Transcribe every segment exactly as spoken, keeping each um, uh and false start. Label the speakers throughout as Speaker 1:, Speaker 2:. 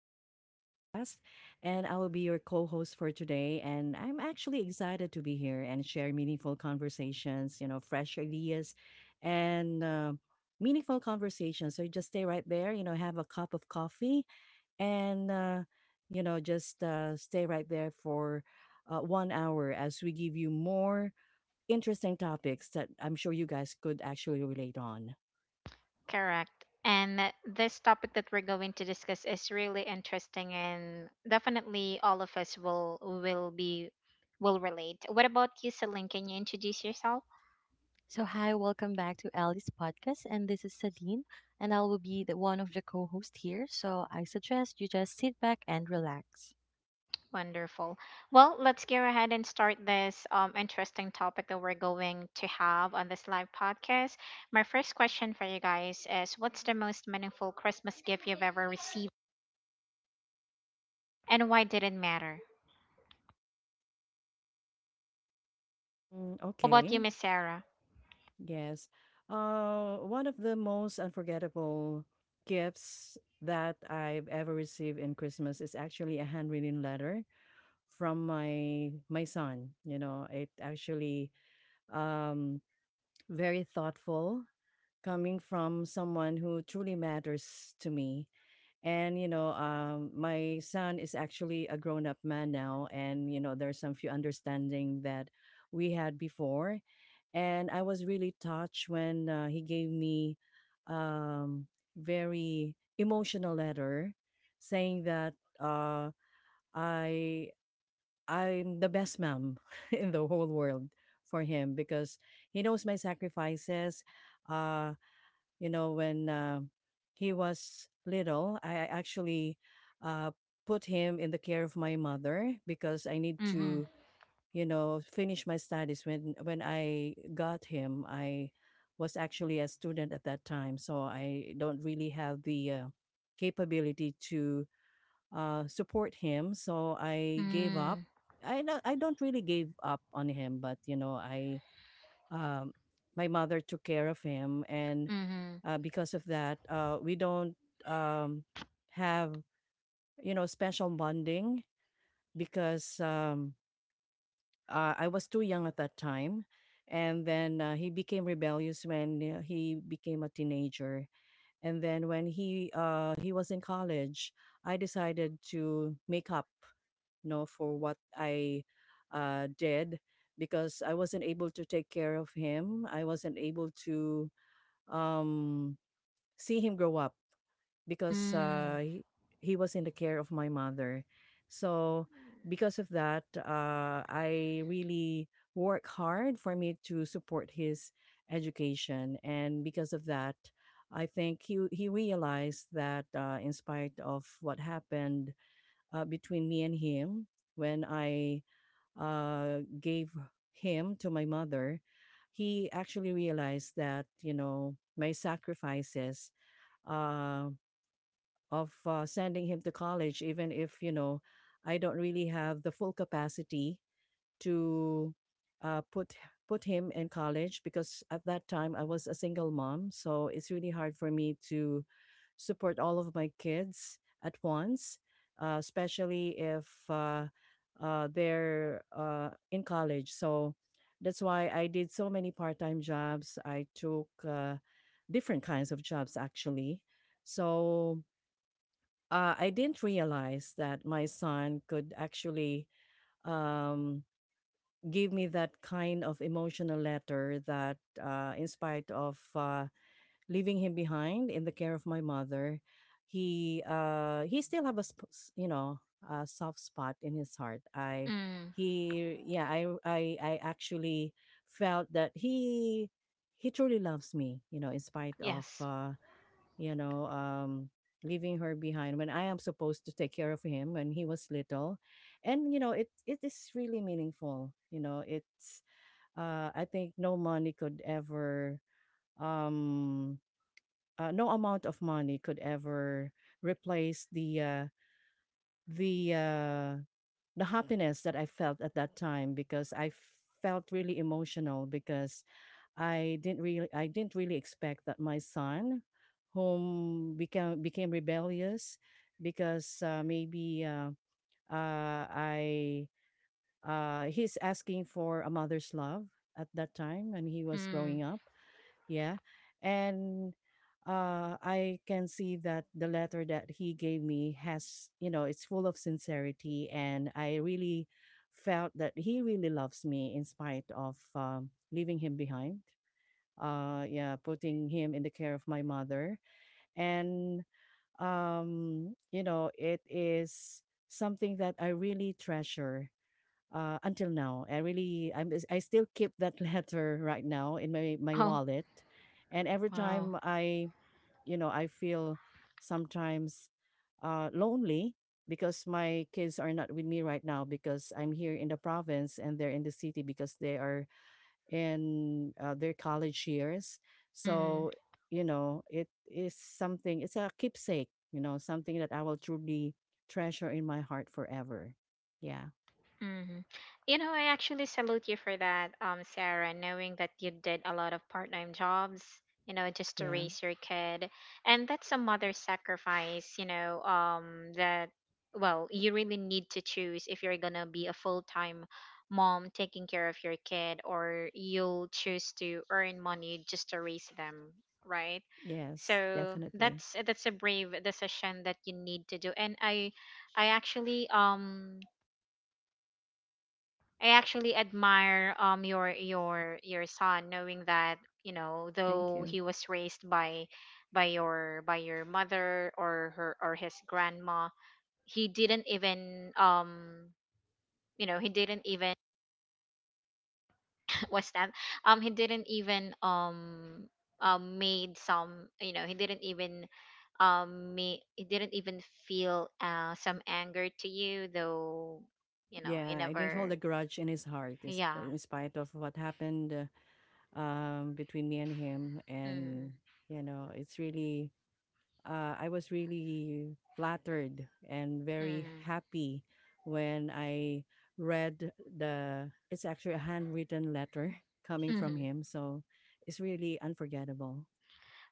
Speaker 1: to Ellie's podcast. And I will be your co host for today. And I'm actually excited to be here and share meaningful conversations, you know, fresh ideas and uh, meaningful conversations. So you just stay right there, you know, have a cup of coffee and, uh, you know, just uh, stay right there for uh, one hour as we give you more interesting topics that I'm sure you guys could actually relate on.
Speaker 2: Correct. And that- this topic that we're going to discuss is really interesting, and definitely all of us will will be will relate. What about you, Celine? Can you introduce yourself?
Speaker 3: So, hi, welcome back to Ali's podcast. And this is Sadine, and I will be the one of the co hosts here. So, I suggest you just sit back and relax.
Speaker 2: Wonderful. Well, let's go ahead and start this um, interesting topic that we're going to have on this live podcast. My first question for you guys is, what's the most meaningful Christmas gift you've ever received, and why did it matter?
Speaker 1: Mm,
Speaker 2: How about you,
Speaker 1: okay.
Speaker 2: Miss Sarah?
Speaker 1: Yes. Uh, one of the most unforgettable gifts that I've ever received in Christmas is actually a handwritten letter from my my son. You know, it actually um very thoughtful, coming from someone who truly matters to me. And you know, um, my son is actually a grown up man now, and you know, there's some few understanding that we had before, and I was really touched when uh, he gave me um, very emotional letter saying that uh, I I'm the best mom in the whole world for him because he knows my sacrifices. Uh, you know when uh, he was little, I I actually uh, put him in the care of my mother because I need
Speaker 2: Mm-hmm.
Speaker 1: to, you know, finish my studies. When when I got him, I was actually a student at that time, so I don't really have the uh, capability to uh, support him. So I gave
Speaker 2: Mm-hmm.
Speaker 1: up. I don't, I don't really gave up on him, but you know, I um, my mother took care of him, and uh, because of that, uh, we don't um, have, you know, special bonding because um, uh, I was too young at that time. And then uh, he became rebellious when uh, he became a teenager. And then when he uh, he was in college, I decided to make up, you know, for what I uh, did, because I wasn't able to take care of him. I wasn't able to um, see him grow up because
Speaker 2: Mm-hmm.
Speaker 1: uh, he, he was in the care of my mother. So because of that, uh, I really work hard for me to support his education, and because of that, I think he he realized that uh, in spite of what happened uh, between me and him when I uh, gave him to my mother, he actually realized that, you know, my sacrifices uh, of uh, sending him to college, even if, you know, I don't really have the full capacity to uh, put put him in college, because at that time I was a single mom, so it's really hard for me to support all of my kids at once, uh, especially if uh, uh, they're uh, in college. So that's why I did so many part time jobs. I took uh, different kinds of jobs actually. So uh, I didn't realize that my son could actually um, give me that kind of emotional letter that, uh, in spite of uh, leaving him behind in the care of my mother, he uh, he still have a sp- s- you know, a soft spot in his heart. I
Speaker 2: Mm.
Speaker 1: he Yeah, I I I actually felt that he he truly loves me, you know, in spite of,
Speaker 2: Yes.
Speaker 1: uh, you know, um, leaving her behind when I am supposed to take care of him when he was little. And, you know, it, it is really meaningful. You know, it's, uh, I think no money could ever, um, uh, no amount of money could ever replace the, uh, the, uh, the happiness that I felt at that time, because I felt really emotional because I didn't really I didn't really expect that my son, whom became became rebellious, because uh, maybe uh, uh, I uh, he's asking for a mother's love at that time, and he was
Speaker 2: Mm.
Speaker 1: growing up. Yeah, and uh, I can see that the letter that he gave me has, you know, it's full of sincerity, and I really felt that he really loves me in spite of, um, leaving him behind, uh yeah, putting him in the care of my mother. And um you know, it is something that I really treasure uh until now. I really I'm I still keep that letter right now in my my
Speaker 2: Oh,
Speaker 1: wallet, and every
Speaker 2: wow.
Speaker 1: time I you know, I feel sometimes uh lonely because my kids are not with me right now, because I'm here in the province and they're in the city, because they are in uh, their college years.
Speaker 2: Mm.
Speaker 1: So, you know, it is something, it's a keepsake, you know, something that I will truly treasure in my heart forever. Yeah.
Speaker 2: Hmm. You know, I actually salute you for that, um, Sarah, knowing that you did a lot of part time jobs, you know, just to
Speaker 1: Yeah.
Speaker 2: raise your kid. And that's a mother sacrifice, you know, um, that, well, you really need to choose if you're going to be a full time mom taking care of your kid, or you'll choose to earn money just to raise them, right?
Speaker 1: Yes,
Speaker 2: So
Speaker 1: definitely.
Speaker 2: that's that's a brave decision that you need to do, and I I actually um I actually admire um your your your son, knowing that, you know,
Speaker 1: Thank
Speaker 2: though
Speaker 1: you.
Speaker 2: he was raised by by your by your mother, or her, or his grandma, he didn't even um you know he didn't even what's that um he didn't even um um made some you know he didn't even um me he didn't even feel uh some anger to you, though. You know,
Speaker 1: Yeah,
Speaker 2: he
Speaker 1: I didn't hold a
Speaker 2: never,
Speaker 1: grudge in his heart, is-
Speaker 2: yeah.
Speaker 1: in spite of what happened uh, um, between me and him.
Speaker 2: Mm,
Speaker 1: And, you know, it's really uh, I was really flattered and very
Speaker 2: mm,
Speaker 1: happy when I read the it's actually a handwritten letter coming from
Speaker 2: mhm.
Speaker 1: him. So it's really unforgettable.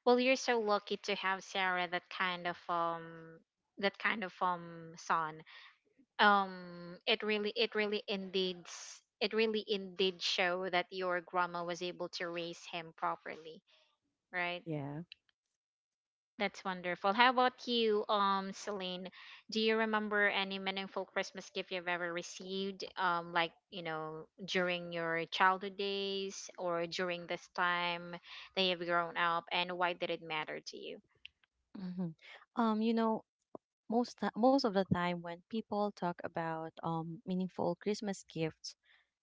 Speaker 2: Well, you're so lucky to have, Sarah, that kind of um that kind of um son. Um, it really, it really indeed s- it really indeed show that your grandma was able to raise him properly, right?
Speaker 1: Yeah.
Speaker 2: That's wonderful. How about you, um, Celine? Do you remember any meaningful Christmas gift you've ever received? Um, like, you know, during your childhood days, or during this time that you've grown up, and why did it matter to you?
Speaker 3: hmm Um, you know, most, ti- most of the time when people talk about um, meaningful Christmas gifts,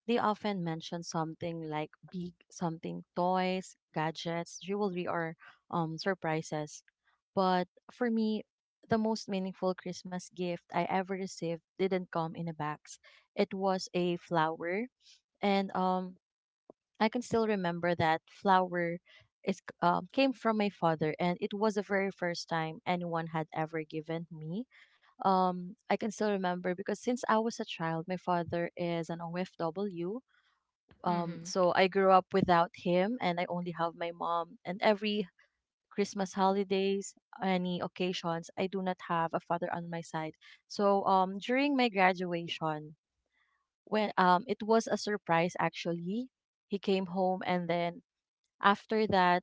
Speaker 3: they often mention something like big something toys, gadgets, jewelry, or um, surprises. But for me, the most meaningful Christmas gift I ever received didn't come in a box. It was a flower, and um, I can still remember that flower is um, came from my father, and it was the very first time anyone had ever given me um, I can still remember because since I was a child, my father is an O F W, um,
Speaker 2: Mm-hmm.
Speaker 3: so I grew up without him, and I only have my mom. And every Christmas holidays, any occasions, I do not have a father on my side. So um, during my graduation, when um, it was a surprise actually, he came home, and then after that,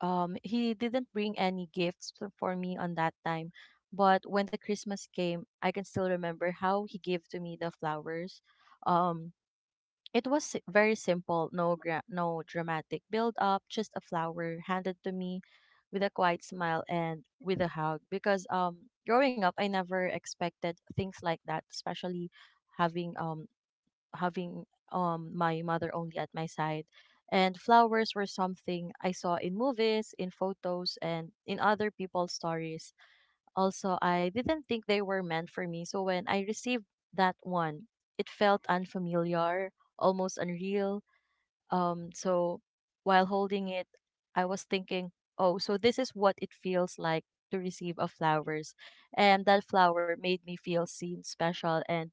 Speaker 3: um, he didn't bring any gifts to- for me on that time. But when the Christmas came, I can still remember how he gave to me the flowers. Um, it was si- very simple, no gra- no dramatic build up, just a flower handed to me with a quiet smile and with a hug, because um growing up I never expected things like that, especially having um having um my mother only at my side. And flowers were something I saw in movies, in photos, and in other people's stories also. I didn't think they were meant for me, so when I received that one, it felt unfamiliar, almost unreal. Um, so while holding it, I was thinking, oh, so this is what it feels like to receive a flowers. And that flower made me feel seen, special, and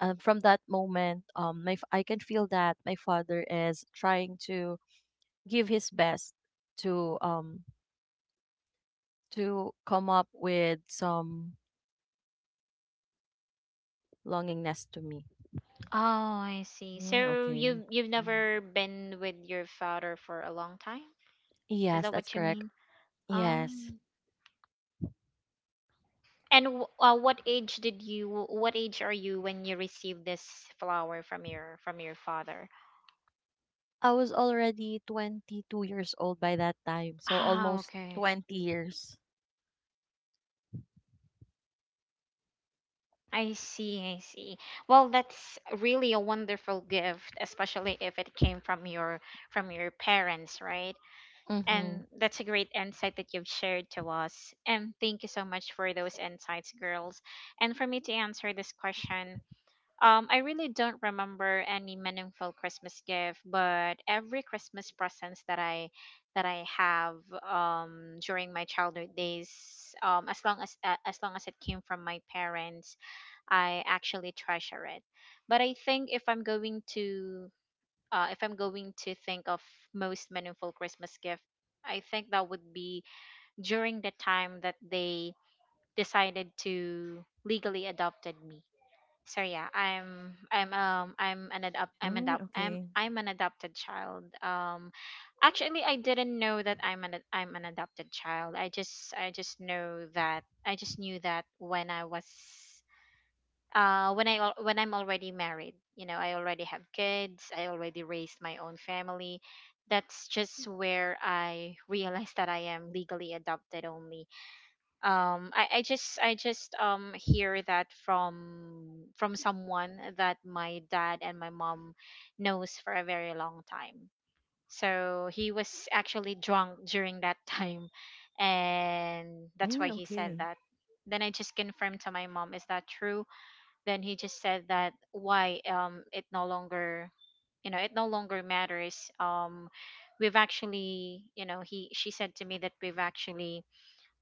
Speaker 3: um, from that moment, um, my f- I can feel that my father is trying to give his best to um to come up with some longingness to me.
Speaker 2: Oh, I see.
Speaker 1: Mm,
Speaker 2: So
Speaker 1: okay.
Speaker 2: you've you've
Speaker 1: Mm,
Speaker 2: never been with your father for a long time? Is
Speaker 3: Yes,
Speaker 2: that
Speaker 3: that's
Speaker 2: what you
Speaker 3: correct.
Speaker 2: mean?
Speaker 3: Yes.
Speaker 2: Um, and w- uh, what age did you? What age are you when you received this flower from your from your father?
Speaker 3: I was already twenty-two years old by that time, so
Speaker 2: Ah,
Speaker 3: almost
Speaker 2: okay.
Speaker 3: twenty years.
Speaker 2: I see, I see. Well, that's really a wonderful gift, especially if it came from your from your parents, right?
Speaker 3: Mhm.
Speaker 2: And that's a great insight that you've shared to us. And thank you so much for those insights, girls. And for me to answer this question, um, I really don't remember any meaningful Christmas gift, but every Christmas presents that I that I have, um, during my childhood days, um, as long as uh, as long as it came from my parents, I actually treasure it. But I think if I'm going to, uh, if I'm going to think of most meaningful Christmas gift, I think that would be during the time that they decided to legally adopted me. So yeah, I'm I'm um I'm an adopt I'm
Speaker 1: mm,
Speaker 2: adopt I'm
Speaker 1: okay.
Speaker 2: I'm an adopted child. Um, actually, I didn't know that I'm an ad- I'm an adopted child. I just I just know that I just knew that when I was uh when i al- when I'm already married. You know, I already have kids, I already raised my own family. That's just where I realized that I am legally adopted only. um i, I just i just um hear that from from someone that my dad and my mom knows for a very long time. So he was actually drunk during that time, and that's
Speaker 1: Mm,
Speaker 2: why he said
Speaker 1: okay.
Speaker 2: that. Then I just confirmed to my mom, is that true? Then he just said that, why, um it no longer, you know, it no longer matters. um we've actually, you know, he she said to me that we've actually,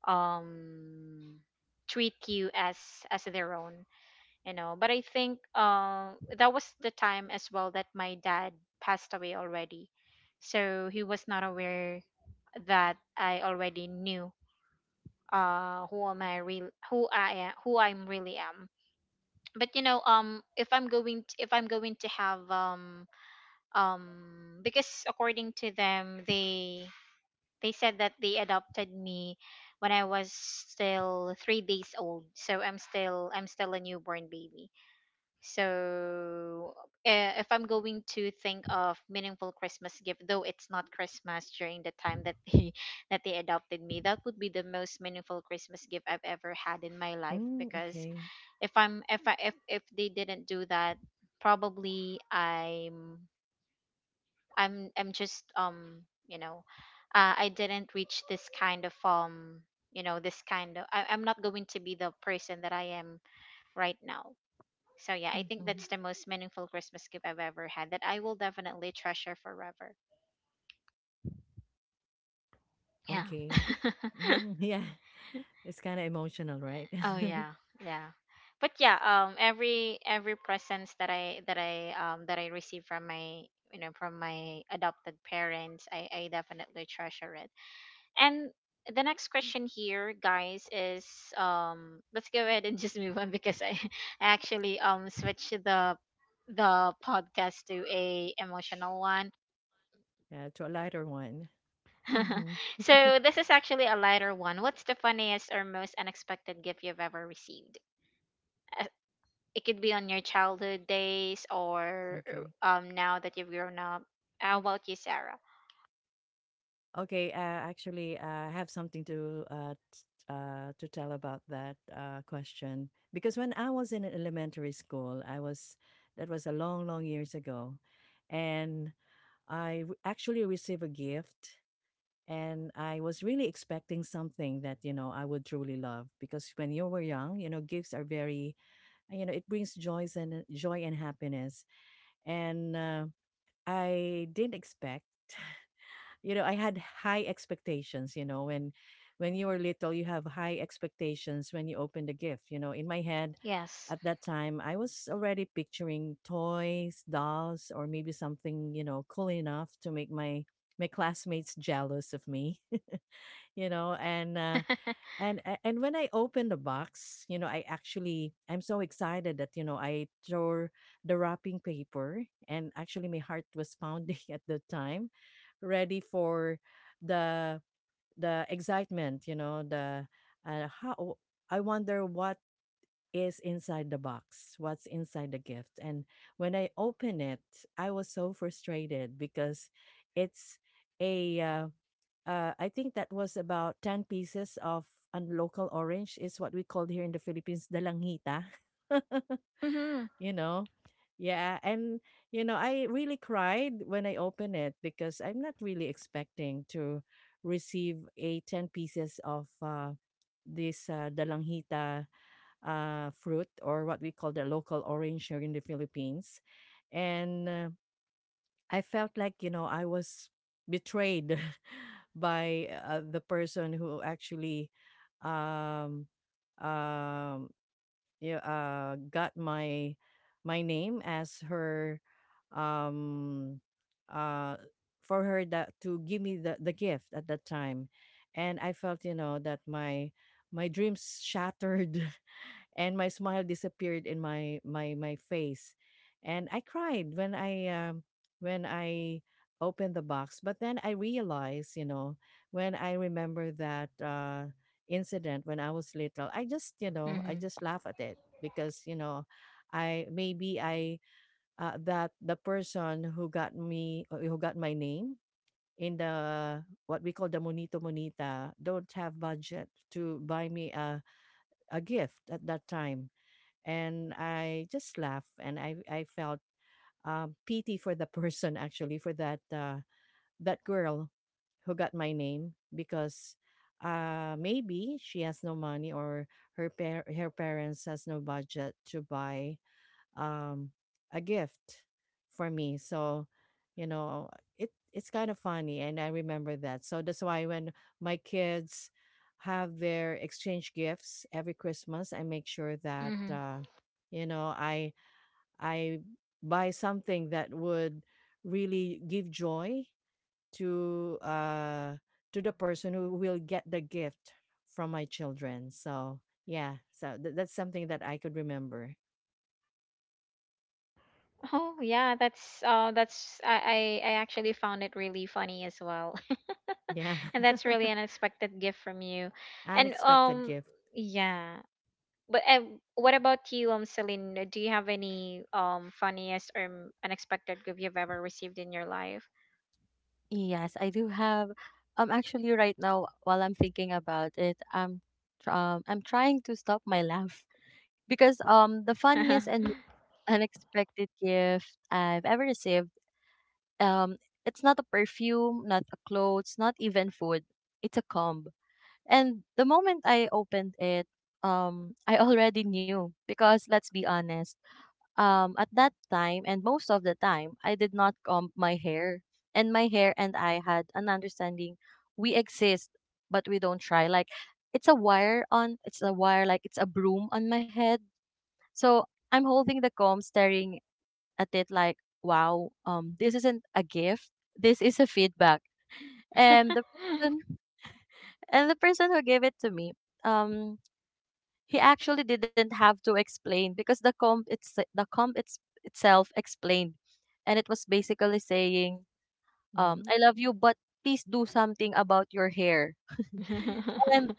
Speaker 2: um treat you as as their own, you know. But I think, uh, that was the time as well that my dad passed away already, so he was not aware that I already knew uh who am i real who I am, who I'm really am but you know, um if i'm going to, if I'm going to have, um, um because according to them they they said that they adopted me when I was still three days old, so I'm still i'm still a newborn baby. So, uh, if I'm going to think of meaningful Christmas gift, though it's not Christmas during the time that they that they adopted me, that would be the most meaningful Christmas gift I've ever had in my life.
Speaker 1: Mm,
Speaker 2: Because
Speaker 1: okay.
Speaker 2: if I'm if I if if they didn't do that, probably I'm I'm I'm just um you know, uh, I didn't reach this kind of um you know this kind of I, I'm not going to be the person that I am right now. So yeah, I think
Speaker 3: Mhm.
Speaker 2: that's the most meaningful Christmas gift I've ever had that I will definitely treasure forever. Yeah.
Speaker 1: Okay. Mm, yeah. It's kind of emotional, right?
Speaker 2: Oh yeah, yeah. But yeah, um, every every presents that I that I um that I receive from my, you know, from my adopted parents, I I definitely treasure it. And the next question here, guys, is, um, let's go ahead and just move on, because I I actually um switched the the podcast to a emotional one.
Speaker 1: Yeah. To a lighter one.
Speaker 3: Mhm.
Speaker 2: So this is actually a lighter one. What's the funniest or most unexpected gift you've ever received? Uh, It could be on your childhood days or
Speaker 1: Okay.
Speaker 2: uh, um now that you've grown up. How about you, Sarah?
Speaker 1: Okay, uh, actually, uh, I have something to uh, t- uh, to tell about that uh, question, because when I was in elementary school, I was, that was a long, long years ago, and I w- actually received a gift, and I was really expecting something that, you know, I would truly love, because when you were young, you know, gifts are very, you know, it brings joys and joy and happiness, and uh, I didn't expect, you know, I had high expectations. You know, when when you were little, you have high expectations when you open the gift. You know, in my head
Speaker 2: Yes.
Speaker 1: at that time I was already picturing toys, dolls, or maybe something, you know, cool enough to make my my classmates jealous of me. you know and uh, and a- and when I opened the box, you know, I actually, I'm so excited that, you know, I tore the wrapping paper, and actually my heart was pounding at the time, ready for the the excitement, you know, the uh, how I wonder what is inside the box, what's inside the gift. And when I open it, I was so frustrated because it's a uh, uh, I think that was about ten pieces of a local orange, is what we called here in the Philippines, dalangita.
Speaker 2: Mhm.
Speaker 1: You know? Yeah, and you know, I really cried when I opened it because I'm not really expecting to receive a ten pieces of uh, this uh, dalanghita uh, fruit, or what we call the local orange here in the Philippines. And uh, I felt like, you know, I was betrayed by uh, the person who actually um um yeah, uh got my my name as her um uh for her that to give me the, the gift at that time. And I felt, you know, that my my dreams shattered and my smile disappeared in my my my face. And I cried when i um, when I opened the box. But then I realized, you know, when I remember that uh incident when I was little, I just, you know, I
Speaker 2: Mhm.
Speaker 1: just laugh at it, because you know, I maybe I uh, that the person who got me, uh, who got my name in the, what we call the monito monita, don't have budget to buy me a, a gift at that time. And I just laughed, and I I felt um, pity for the person, actually for that uh, that girl who got my name, because uh, maybe she has no money, or her par- her parents has no budget to buy um a gift for me. So, you know, it it's kind of funny, and I remember that. So that's why when my kids have their exchange gifts every Christmas, I make sure that
Speaker 2: Mhm.
Speaker 1: uh you know, I I buy something that would really give joy to uh to the person who will get the gift from my children. So, yeah, so th- that's something that I could remember.
Speaker 2: Oh yeah, that's uh that's I, I I actually found it really funny as well.
Speaker 1: Yeah.
Speaker 2: And that's really an unexpected gift from you. And
Speaker 1: Unexpected
Speaker 2: um,
Speaker 1: gift.
Speaker 2: yeah. But um, what about you, um, Celine? Do you have any um funniest or um, unexpected gift you've ever received in your life?
Speaker 3: Yes, I do have, um actually right now while I'm thinking about it, I'm tr- um I'm trying to stop my laugh because um the funniest and
Speaker 2: Mm,
Speaker 3: most unexpected gift I've ever received, um it's not a perfume, not a clothes, not even food. It's a comb. And the moment I opened it, um, I already knew, because let's be honest, um, at that time and most of the time, I did not comb my hair. And my hair and I had an understanding, we exist, but we don't try. Like it's a wire on, it's a wire, like it's a broom on my head. So I'm holding the comb, staring at it like, wow, um, this isn't a gift. This is a feedback. And the person, and the person who gave it to me, um, he actually didn't have to explain, because the comp it's the comp it's itself explained, and it was basically saying, um,
Speaker 1: Mhm.
Speaker 3: "I love you, but please do something about your hair." And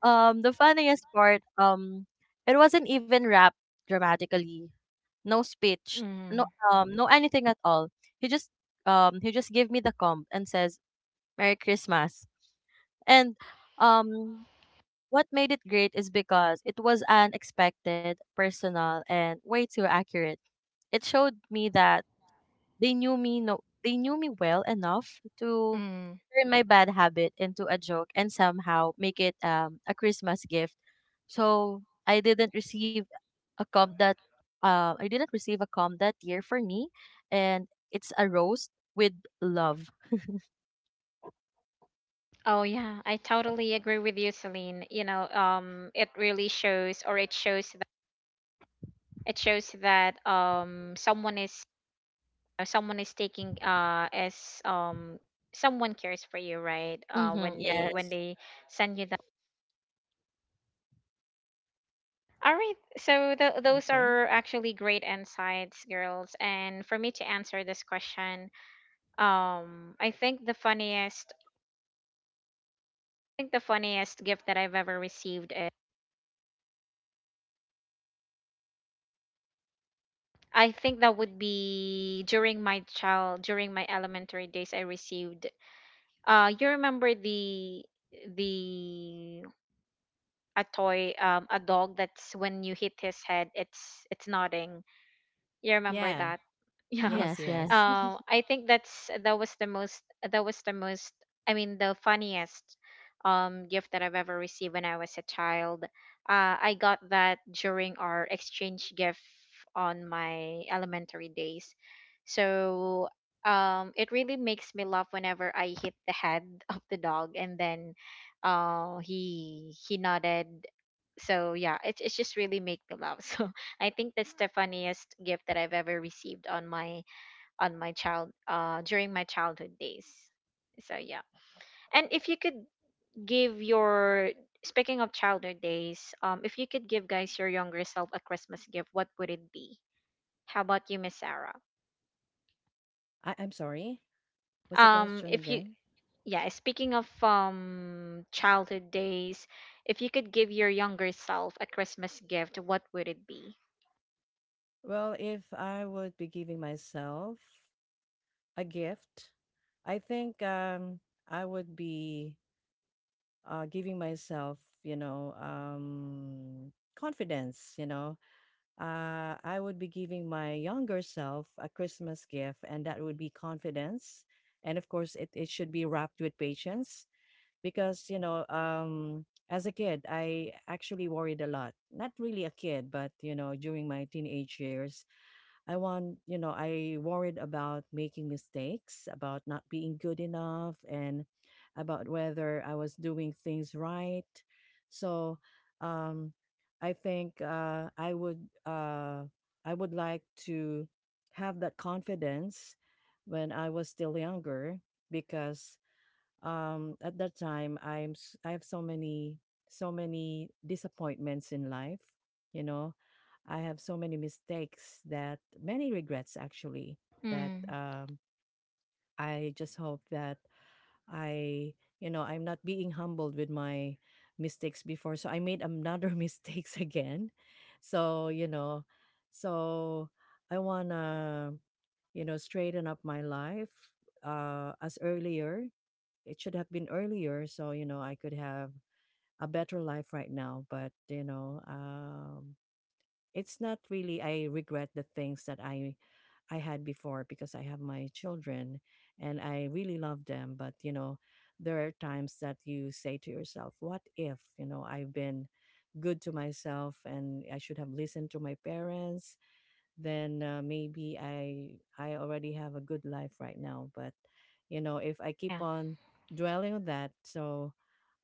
Speaker 3: um, the funniest part, um, it wasn't even wrapped dramatically. No speech, no um, no anything at all. He just um, he just gave me the comb and says, "Merry Christmas." And um, what made it great is because it was unexpected, personal, and way too accurate. It showed me that they knew me no they knew me well enough to
Speaker 2: mm.
Speaker 3: turn my bad habit into a joke and somehow make it, um, a Christmas gift. So I didn't receive a comp that, uh, I didn't receive a comp that year for me, and it's a roast with love.
Speaker 2: Oh yeah, I totally agree with you, Celine. You know, um, it really shows, or it shows that it shows that um someone is uh, someone is taking uh as um someone cares for you, right? Uh,
Speaker 3: Mm-hmm.
Speaker 2: when they when
Speaker 3: Yes,
Speaker 2: they send you. All right. So th- those
Speaker 1: Okay.
Speaker 2: are actually great insights, girls. And for me to answer this question, um, I think the funniest, I think the funniest gift that I've ever received is, I think that would be during my child, during my elementary days, I received. Uh, you remember the the a toy, um, a dog that's when you hit his head, it's it's nodding. You remember
Speaker 1: Yeah.
Speaker 2: that? Yeah.
Speaker 1: Yes,
Speaker 3: yes,
Speaker 1: yes.
Speaker 3: yes.
Speaker 2: Um, I think that's that was the most that was the most, I mean, the funniest um gift that I've ever received when I was a child. Uh, I got that during our exchange gift on my elementary days. So um, it really makes me laugh whenever I hit the head of the dog, and then uh he he nodded. So yeah, it, it's just really make me laugh. So I think that's the funniest gift that I've ever received on my on my child uh during my childhood days. So yeah. And if you could give your, speaking of childhood days, um, if you could give, guys, your younger self a Christmas gift, what would it be? How about you, Miss Sarah?
Speaker 1: I, I'm sorry. What's the
Speaker 2: Um
Speaker 1: question
Speaker 2: if you
Speaker 1: again?
Speaker 2: Yeah, speaking of um, childhood days, if you could give your younger self a Christmas gift, what would it be?
Speaker 1: Well, if I would be giving myself a gift, I think, um, I would be, uh, giving myself, you know, um, confidence. You know, uh, I would be giving my younger self a Christmas gift, and that would be confidence. And of course, it, it should be wrapped with patience because you know um as a kid, I actually worried a lot. Not really a kid, but you know, during my teenage years, I want you know I worried about making mistakes, about not being good enough, and about whether I was doing things right. So um I think uh I would uh I would like to have that confidence when I was still younger, because um at that time, i'm s- I have so many, so many disappointments in life. You know, I have so many mistakes, that many regrets, actually, that
Speaker 2: Mm,
Speaker 1: um I just hope that I, you know, I'm not being humbled with my mistakes before so I made another mistakes again. So you know, so I want to, you know straighten up my life, uh as earlier. It should have been earlier, so you know I could have a better life right now. But you know um it's not really, I regret the things that i i had before because I have my children and I really love them. But you know, there are times that you say to yourself, what if, you know, I've been good to myself and I should have listened to my parents, then uh, maybe I I already have a good life right now. But you know, if I keep
Speaker 2: yeah.
Speaker 1: on dwelling on that, so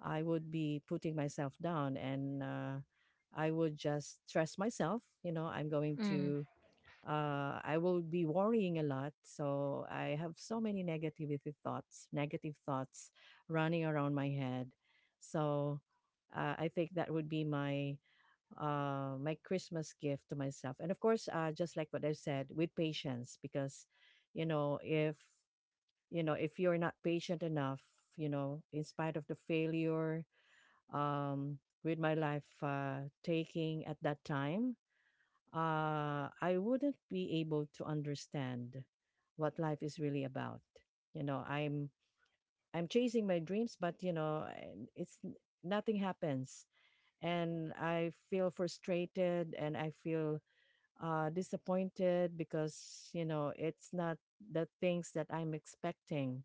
Speaker 1: I would be putting myself down, and uh, I would just stress myself. You know, I'm going
Speaker 2: Mm,
Speaker 1: to uh, I will be worrying a lot. So I have so many negativity thoughts, negative thoughts running around my head. So uh, I think that would be my uh, my Christmas gift to myself. And of course, uh, just like what I've said, with patience, because, you know, if, you know, if you're not patient enough, you know, in spite of the failure um, with my life uh, taking at that time, uh, I wouldn't be able to understand what life is really about. You know, I'm I'm chasing my dreams, but you know, I- it's n- nothing happens and I feel frustrated and I feel uh, disappointed because you know it's not the things that I'm expecting,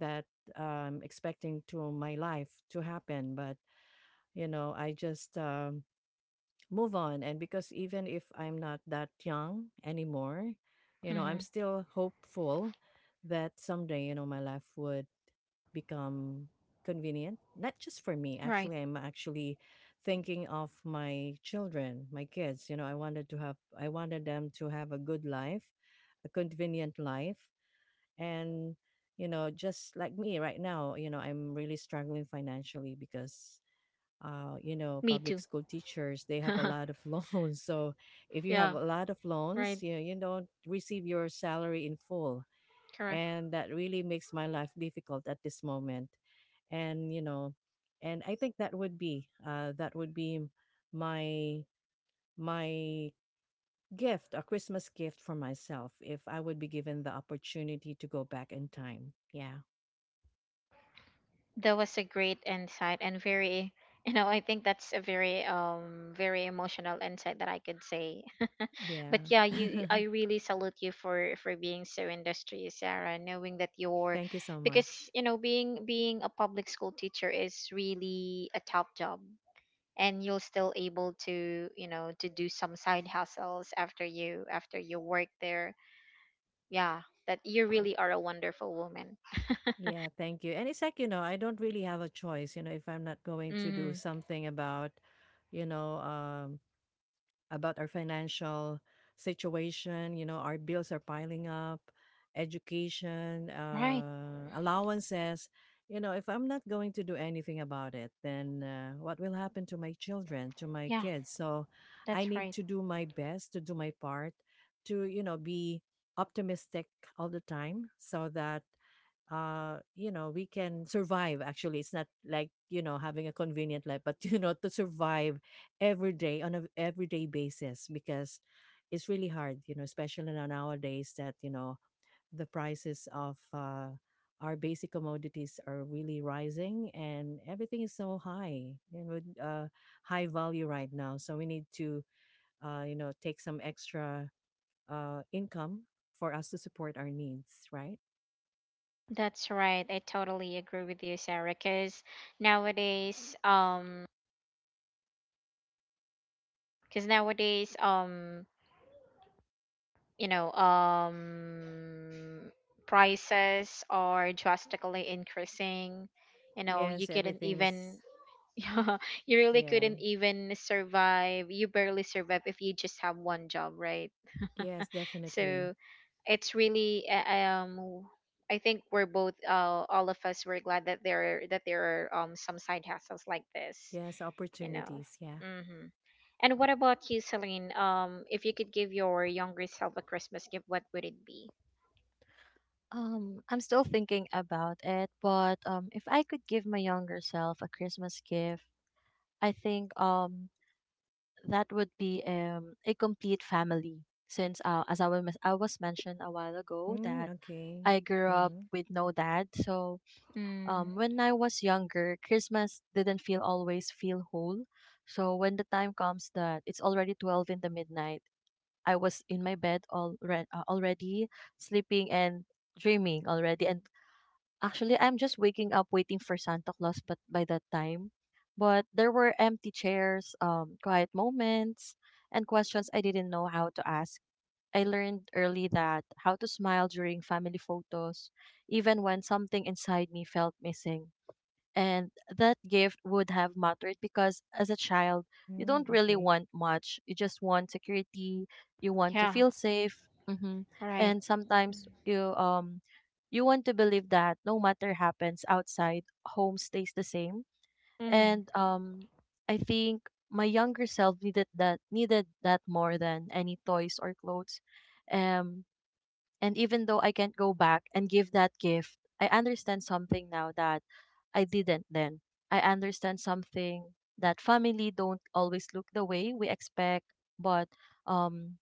Speaker 1: that um, expecting to my life to happen. But you know, I just um, move on. And because even if I'm not that young anymore, you know
Speaker 2: mm-hmm.
Speaker 1: I'm still hopeful that someday, you know my life would become convenient, not just for me.
Speaker 2: Right.
Speaker 1: Actually, I'm actually thinking of my children, my kids. you know i wanted to have I wanted them to have a good life, a convenient life. And you know just like me right now, you know I'm really struggling financially because uh, you know,
Speaker 2: Me
Speaker 1: public
Speaker 2: too.
Speaker 1: school teachers, they have a lot of loans. So if you have
Speaker 2: Yeah,
Speaker 1: a lot of loans,
Speaker 2: right.
Speaker 1: you know, you don't receive your salary in full.
Speaker 2: Correct.
Speaker 1: And that really makes my life difficult at this moment. And, you know, and I think that would be uh, that would be my my gift, a Christmas gift for myself if I would be given the opportunity to go back in time. Yeah.
Speaker 2: That was a great insight, and very, you know, I think that's a very um, very emotional insight that I could say. But
Speaker 1: Yeah.
Speaker 2: yeah, you, I really salute you for for being so industrious, Sarah, knowing that you're,
Speaker 1: Thank you so
Speaker 2: because,
Speaker 1: much.
Speaker 2: you know, being being a public school teacher is really a top job, and you're still able to, you know, to do some side hustles after you after you work there. Yeah, that you really are a wonderful woman.
Speaker 1: Yeah, thank you. And it's like, you know, I don't really have a choice. You know, if I'm not going to do
Speaker 2: Mhm.
Speaker 1: something about, you know, um, about our financial situation, you know, our bills are piling up, education,
Speaker 2: Right.
Speaker 1: uh, allowances. You know, if I'm not going to do anything about it, then uh, what will happen to my children, to my
Speaker 2: Yeah,
Speaker 1: kids? So I
Speaker 2: that's
Speaker 1: need
Speaker 2: right.
Speaker 1: to do my best to do my part to, you know, be optimistic all the time, so that uh you know we can survive. Actually, it's not like, you know having a convenient life, but you know to survive every day on a everyday basis, because it's really hard. You know especially now- nowadays, that you know the prices of uh our basic commodities are really rising and everything is so high. You know uh high value right now. So we need to uh you know take some extra uh income for us to support our needs, right?
Speaker 2: That's right. I totally agree with you, Sarah. Because nowadays, um, because nowadays, um, you know, um, prices are drastically increasing. You know, you
Speaker 1: Yes,
Speaker 2: couldn't
Speaker 1: everything is.
Speaker 2: even, you really
Speaker 1: Yeah.
Speaker 2: couldn't even survive. You barely survive if you just have one job, right?
Speaker 1: Yes, definitely.
Speaker 2: So, it's really uh, um I think we're both uh, all of us were glad that there that there are um, some side hassles like this,
Speaker 1: Yes,
Speaker 2: you know.
Speaker 1: opportunities. Yeah.
Speaker 2: Hmm. And what about you, Celine? Um, if you could give your younger self a Christmas gift, what would it be?
Speaker 3: Um, I'm still thinking about it, but um, if I could give my younger self a Christmas gift, I think um that would be um a complete family. Since, uh, as I was I was mentioned a while ago that
Speaker 1: Mm, okay.
Speaker 3: I grew up
Speaker 1: Mm-hmm.
Speaker 3: with no dad, so
Speaker 2: Mm,
Speaker 3: um when I was younger, Christmas didn't feel always feel whole. So when the time comes that it's already twelve in the midnight, I was in my bed all uh, already sleeping and dreaming already, and actually, I'm just waking up waiting for Santa Claus, but by that time, but there were empty chairs, um, quiet moments, and questions I didn't know how to ask. I learned early that how to smile during family photos, even when something inside me felt missing, and that gift would have mattered because as a child you
Speaker 1: Mm,
Speaker 3: don't really
Speaker 1: okay.
Speaker 3: want much, you just want security, you want to
Speaker 2: yeah,
Speaker 3: feel safe. Hmm
Speaker 2: right.
Speaker 3: and sometimes you um you want to believe that no matter happens outside, home stays the same.
Speaker 2: Mm,
Speaker 3: And um I think my younger self needed that, needed that more than any toys or clothes, um and even though I can't go back and give that gift, I understand something now that I didn't then. I understand something that family don't always look the way we expect, but um,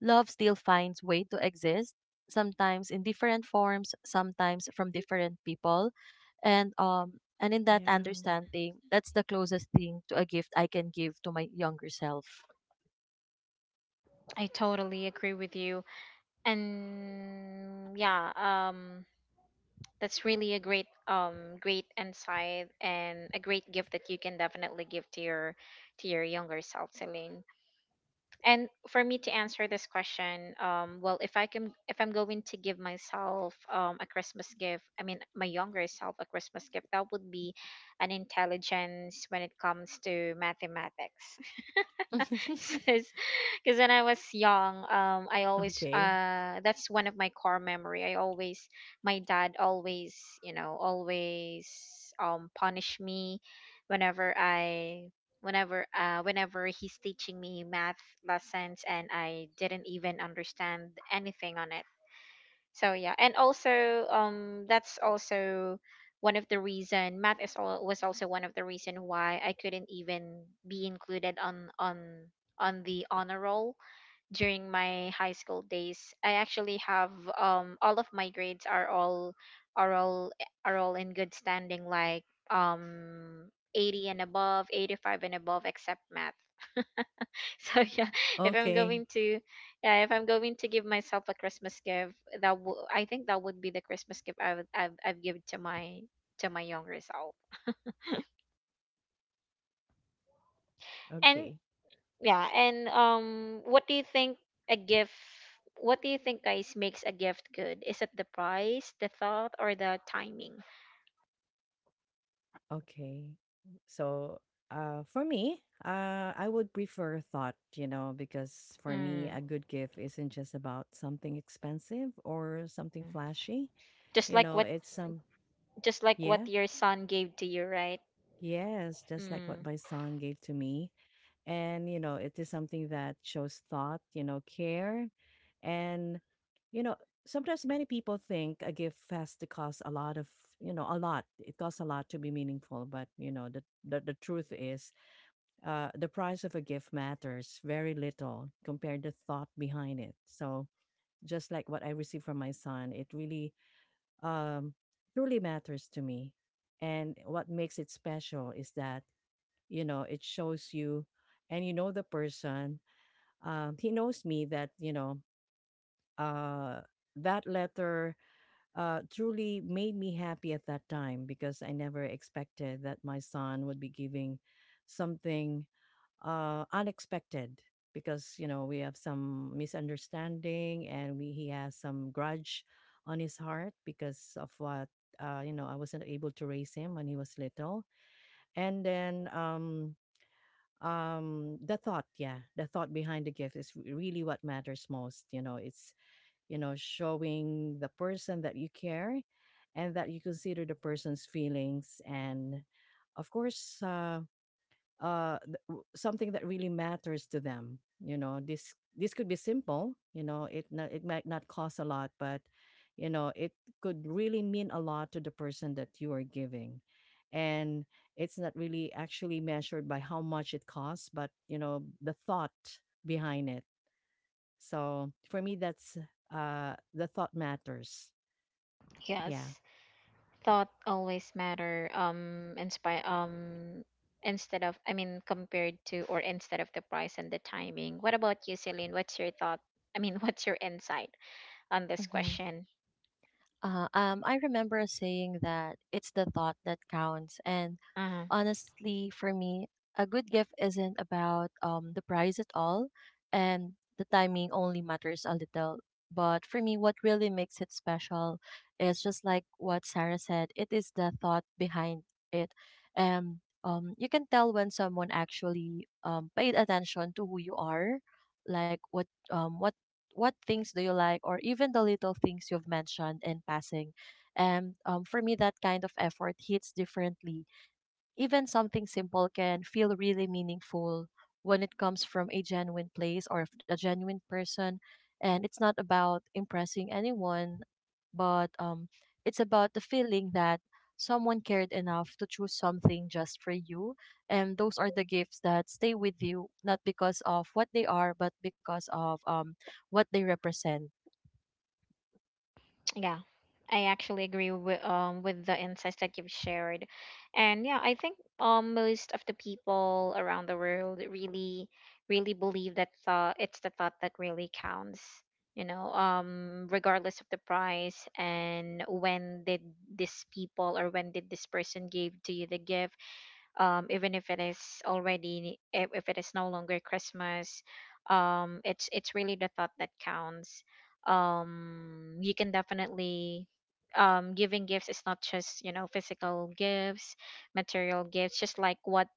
Speaker 3: love still finds way to exist, sometimes in different forms, sometimes from different people. And um and in that
Speaker 1: Yeah.
Speaker 3: understanding, that's the closest thing to a gift I can give to my younger self.
Speaker 2: I totally agree with you. And yeah, um, that's really a great um great insight and a great gift that you can definitely give to your to your younger self, Celine. And for me to answer this question, um well if I can if I'm going to give myself um a Christmas gift, I mean my younger self a Christmas gift, that would be an intelligence when it comes to mathematics. Because when I was young, um, I always
Speaker 1: Okay.
Speaker 2: uh, that's one of my core memory. I always my dad always you know always um punish me whenever I whenever uh whenever he's teaching me math lessons and I didn't even understand anything on it. So yeah, and also um that's also one of the reason math is all was also one of the reason why I couldn't even be included on on on the honor roll during my high school days. I actually have um all of my grades are all are all are all in good standing, like um 80 and above, 85 and above, except math. So yeah, if I'm
Speaker 1: Okay.
Speaker 2: going to, yeah, if I'm going to give myself a Christmas gift, that w- I think that would be the Christmas gift I would I've, I've given to my to my younger self. And
Speaker 1: Okay.
Speaker 2: yeah, and um, what do you think a gift? What do you think, guys, makes a gift good? Is it the price, the thought, or the timing?
Speaker 1: Okay. So, uh, for me, uh, I would prefer thought, you know, because for me,
Speaker 2: Mm.
Speaker 1: a good gift isn't just about something expensive or something flashy.
Speaker 2: Just
Speaker 1: You
Speaker 2: like
Speaker 1: know,
Speaker 2: what,
Speaker 1: it's some,
Speaker 2: just like
Speaker 1: yeah,
Speaker 2: what your son gave to you, right?
Speaker 1: yes, just like what
Speaker 2: Mm.
Speaker 1: my son gave to me. And you know it is something that shows thought, you know care. And you know sometimes many people think a gift has to cost a lot of, you know a lot it costs a lot to be meaningful. But you know the the, the truth is, uh, the price of a gift matters very little compared to thought behind it. So just like what I received from my son, it really um truly matters to me. And what makes it special is that, you know it shows you and you know the person, um, he knows me. That, you know uh, that letter uh, truly made me happy at that time, because I never expected that my son would be giving something uh, unexpected, because you know we have some misunderstanding, and we he has some grudge on his heart because of what, uh, you know I wasn't able to raise him when he was little. And then, um um the thought. Yeah, the thought behind the gift is re- really what matters most. You know it's, you know showing the person that you care, and that you consider the person's feelings, and of course, uh uh th- w- something that really matters to them. you know this this could be simple. You know it not, it might not cost a lot, but you know it could really mean a lot to the person that you are giving. And it's not really actually measured by how much it costs, but you know the thought behind it. So for me, that's uh the thought matters. Yeah,
Speaker 2: Yes. Thought always matter, um inspire um instead of I mean compared to or instead of the price and the timing. What about you, Celine? What's your thought? I mean, what's your insight on this
Speaker 3: Mhm.
Speaker 2: question?
Speaker 3: Uh, um, I remember a saying that it's the thought that counts, and
Speaker 2: Uh-huh.
Speaker 3: honestly, for me, a good gift isn't about um, the price at all, and the timing only matters a little. But for me, what really makes it special is just like what Sarah said, it is the thought behind it. And um, you can tell when someone actually um, paid attention to who you are, like what um, what what things do you like, or even the little things you've mentioned in passing. And um, for me, that kind of effort hits differently, even something simple can feel really meaningful when it comes from a genuine place or f- a genuine person. And it's not about impressing anyone, but um, it's about the feeling that someone cared enough to choose something just for you. And those are the gifts that stay with you, not because of what they are, but because of um, what they represent.
Speaker 2: Yeah, I actually agree with um with the insights that you've shared, and yeah, I think um most of the people around the world really really believe that thought it's the thought that really counts. You know, um, regardless of the price and when did this people or when did this person give to you the gift, um, even if it is already if, if it is no longer Christmas, um, it's it's really the thought that counts. Um, you can definitely um, giving gifts is not just you know physical gifts, material gifts, just like what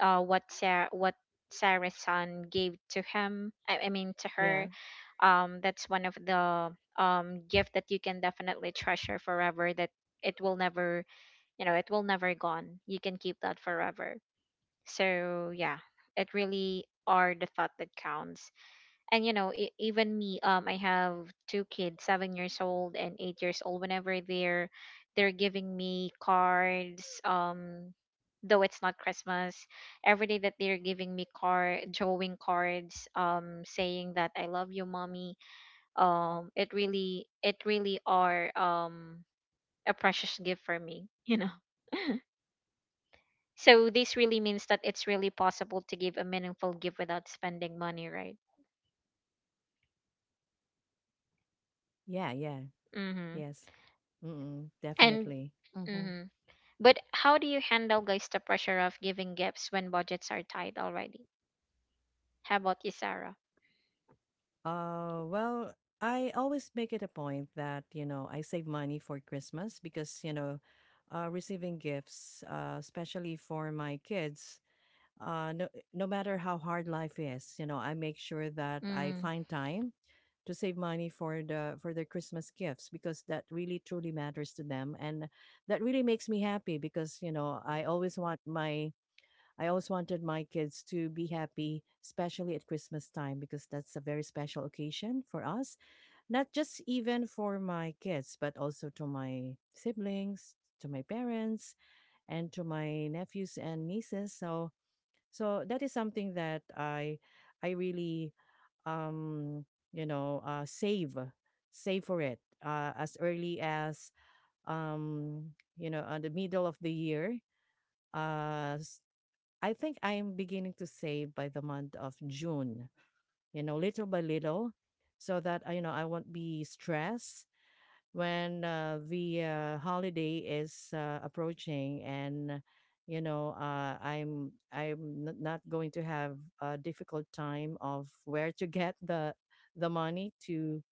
Speaker 2: uh what Sarah what Sarah's son gave to him. I, I mean to
Speaker 1: yeah,
Speaker 2: her. Um, that's one of the um gift that you can definitely treasure forever. That it will never you know it will never gone. You can keep that forever. So yeah, it really are the thought that counts. And you know, e- even me, um, I have two kids, seven years old and eight years old. Whenever they're they're giving me cards, um, though it's not Christmas, every day that they're giving me card, drawing cards, um, saying that I love you, mommy. Um, it really, it really are um a precious gift for me. You know. So this really means that it's really possible to give a meaningful gift without spending money, right?
Speaker 1: yeah, yeah.
Speaker 2: Mm-hmm.
Speaker 1: Yes. Mm,
Speaker 2: And
Speaker 1: definitely.
Speaker 3: Mm-hmm.
Speaker 2: mm-hmm. But how do you handle, guys, the pressure of giving gifts when budgets are tight already? How about you, Sarah?
Speaker 1: Uh, well, I always make it a point that, you know, I save money for Christmas, because, you know, uh, receiving gifts, uh, especially for my kids, uh, no, no matter how hard life is, you know, I make sure that I
Speaker 2: Mm,
Speaker 1: find time to save money for the for their Christmas gifts, because that really truly matters to them, and that really makes me happy, because, you know, I always want my I always wanted my kids to be happy, especially at Christmas time, because that's a very special occasion for us, not just even for my kids, but also to my siblings, to my parents, and to my nephews and nieces. So, so that is something that I, I really, um, you know, uh, save, save for it, uh, as early as, um, you know, at the middle of the year. Uh, s- I think I'm beginning to save by the month of June, you know, little by little, so that uh, you know I won't be stressed when, uh, the uh, holiday is uh, approaching, and you know uh, I'm I'm n- not going to have a difficult time of where to get the the money to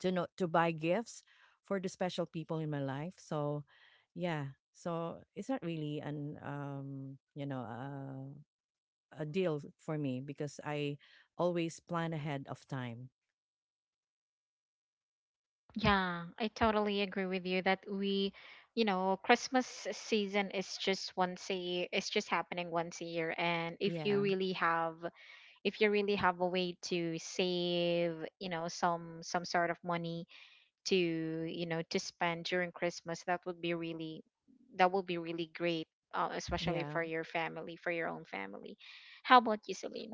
Speaker 1: to know to buy gifts for the special people in my life. So, yeah. So it's not really an um you know uh, a deal for me, because I always plan ahead of time.
Speaker 2: yeah, I totally agree with you that we, you know, Christmas season is just once a year. It's just happening once a year, and if you
Speaker 1: Yeah.
Speaker 2: really have, if you really have a way to save, you know, some some sort of money to you know to spend during Christmas, that would be really that would be really great, uh, especially
Speaker 1: Yeah.
Speaker 2: for your family for your own family. How about you, Celine?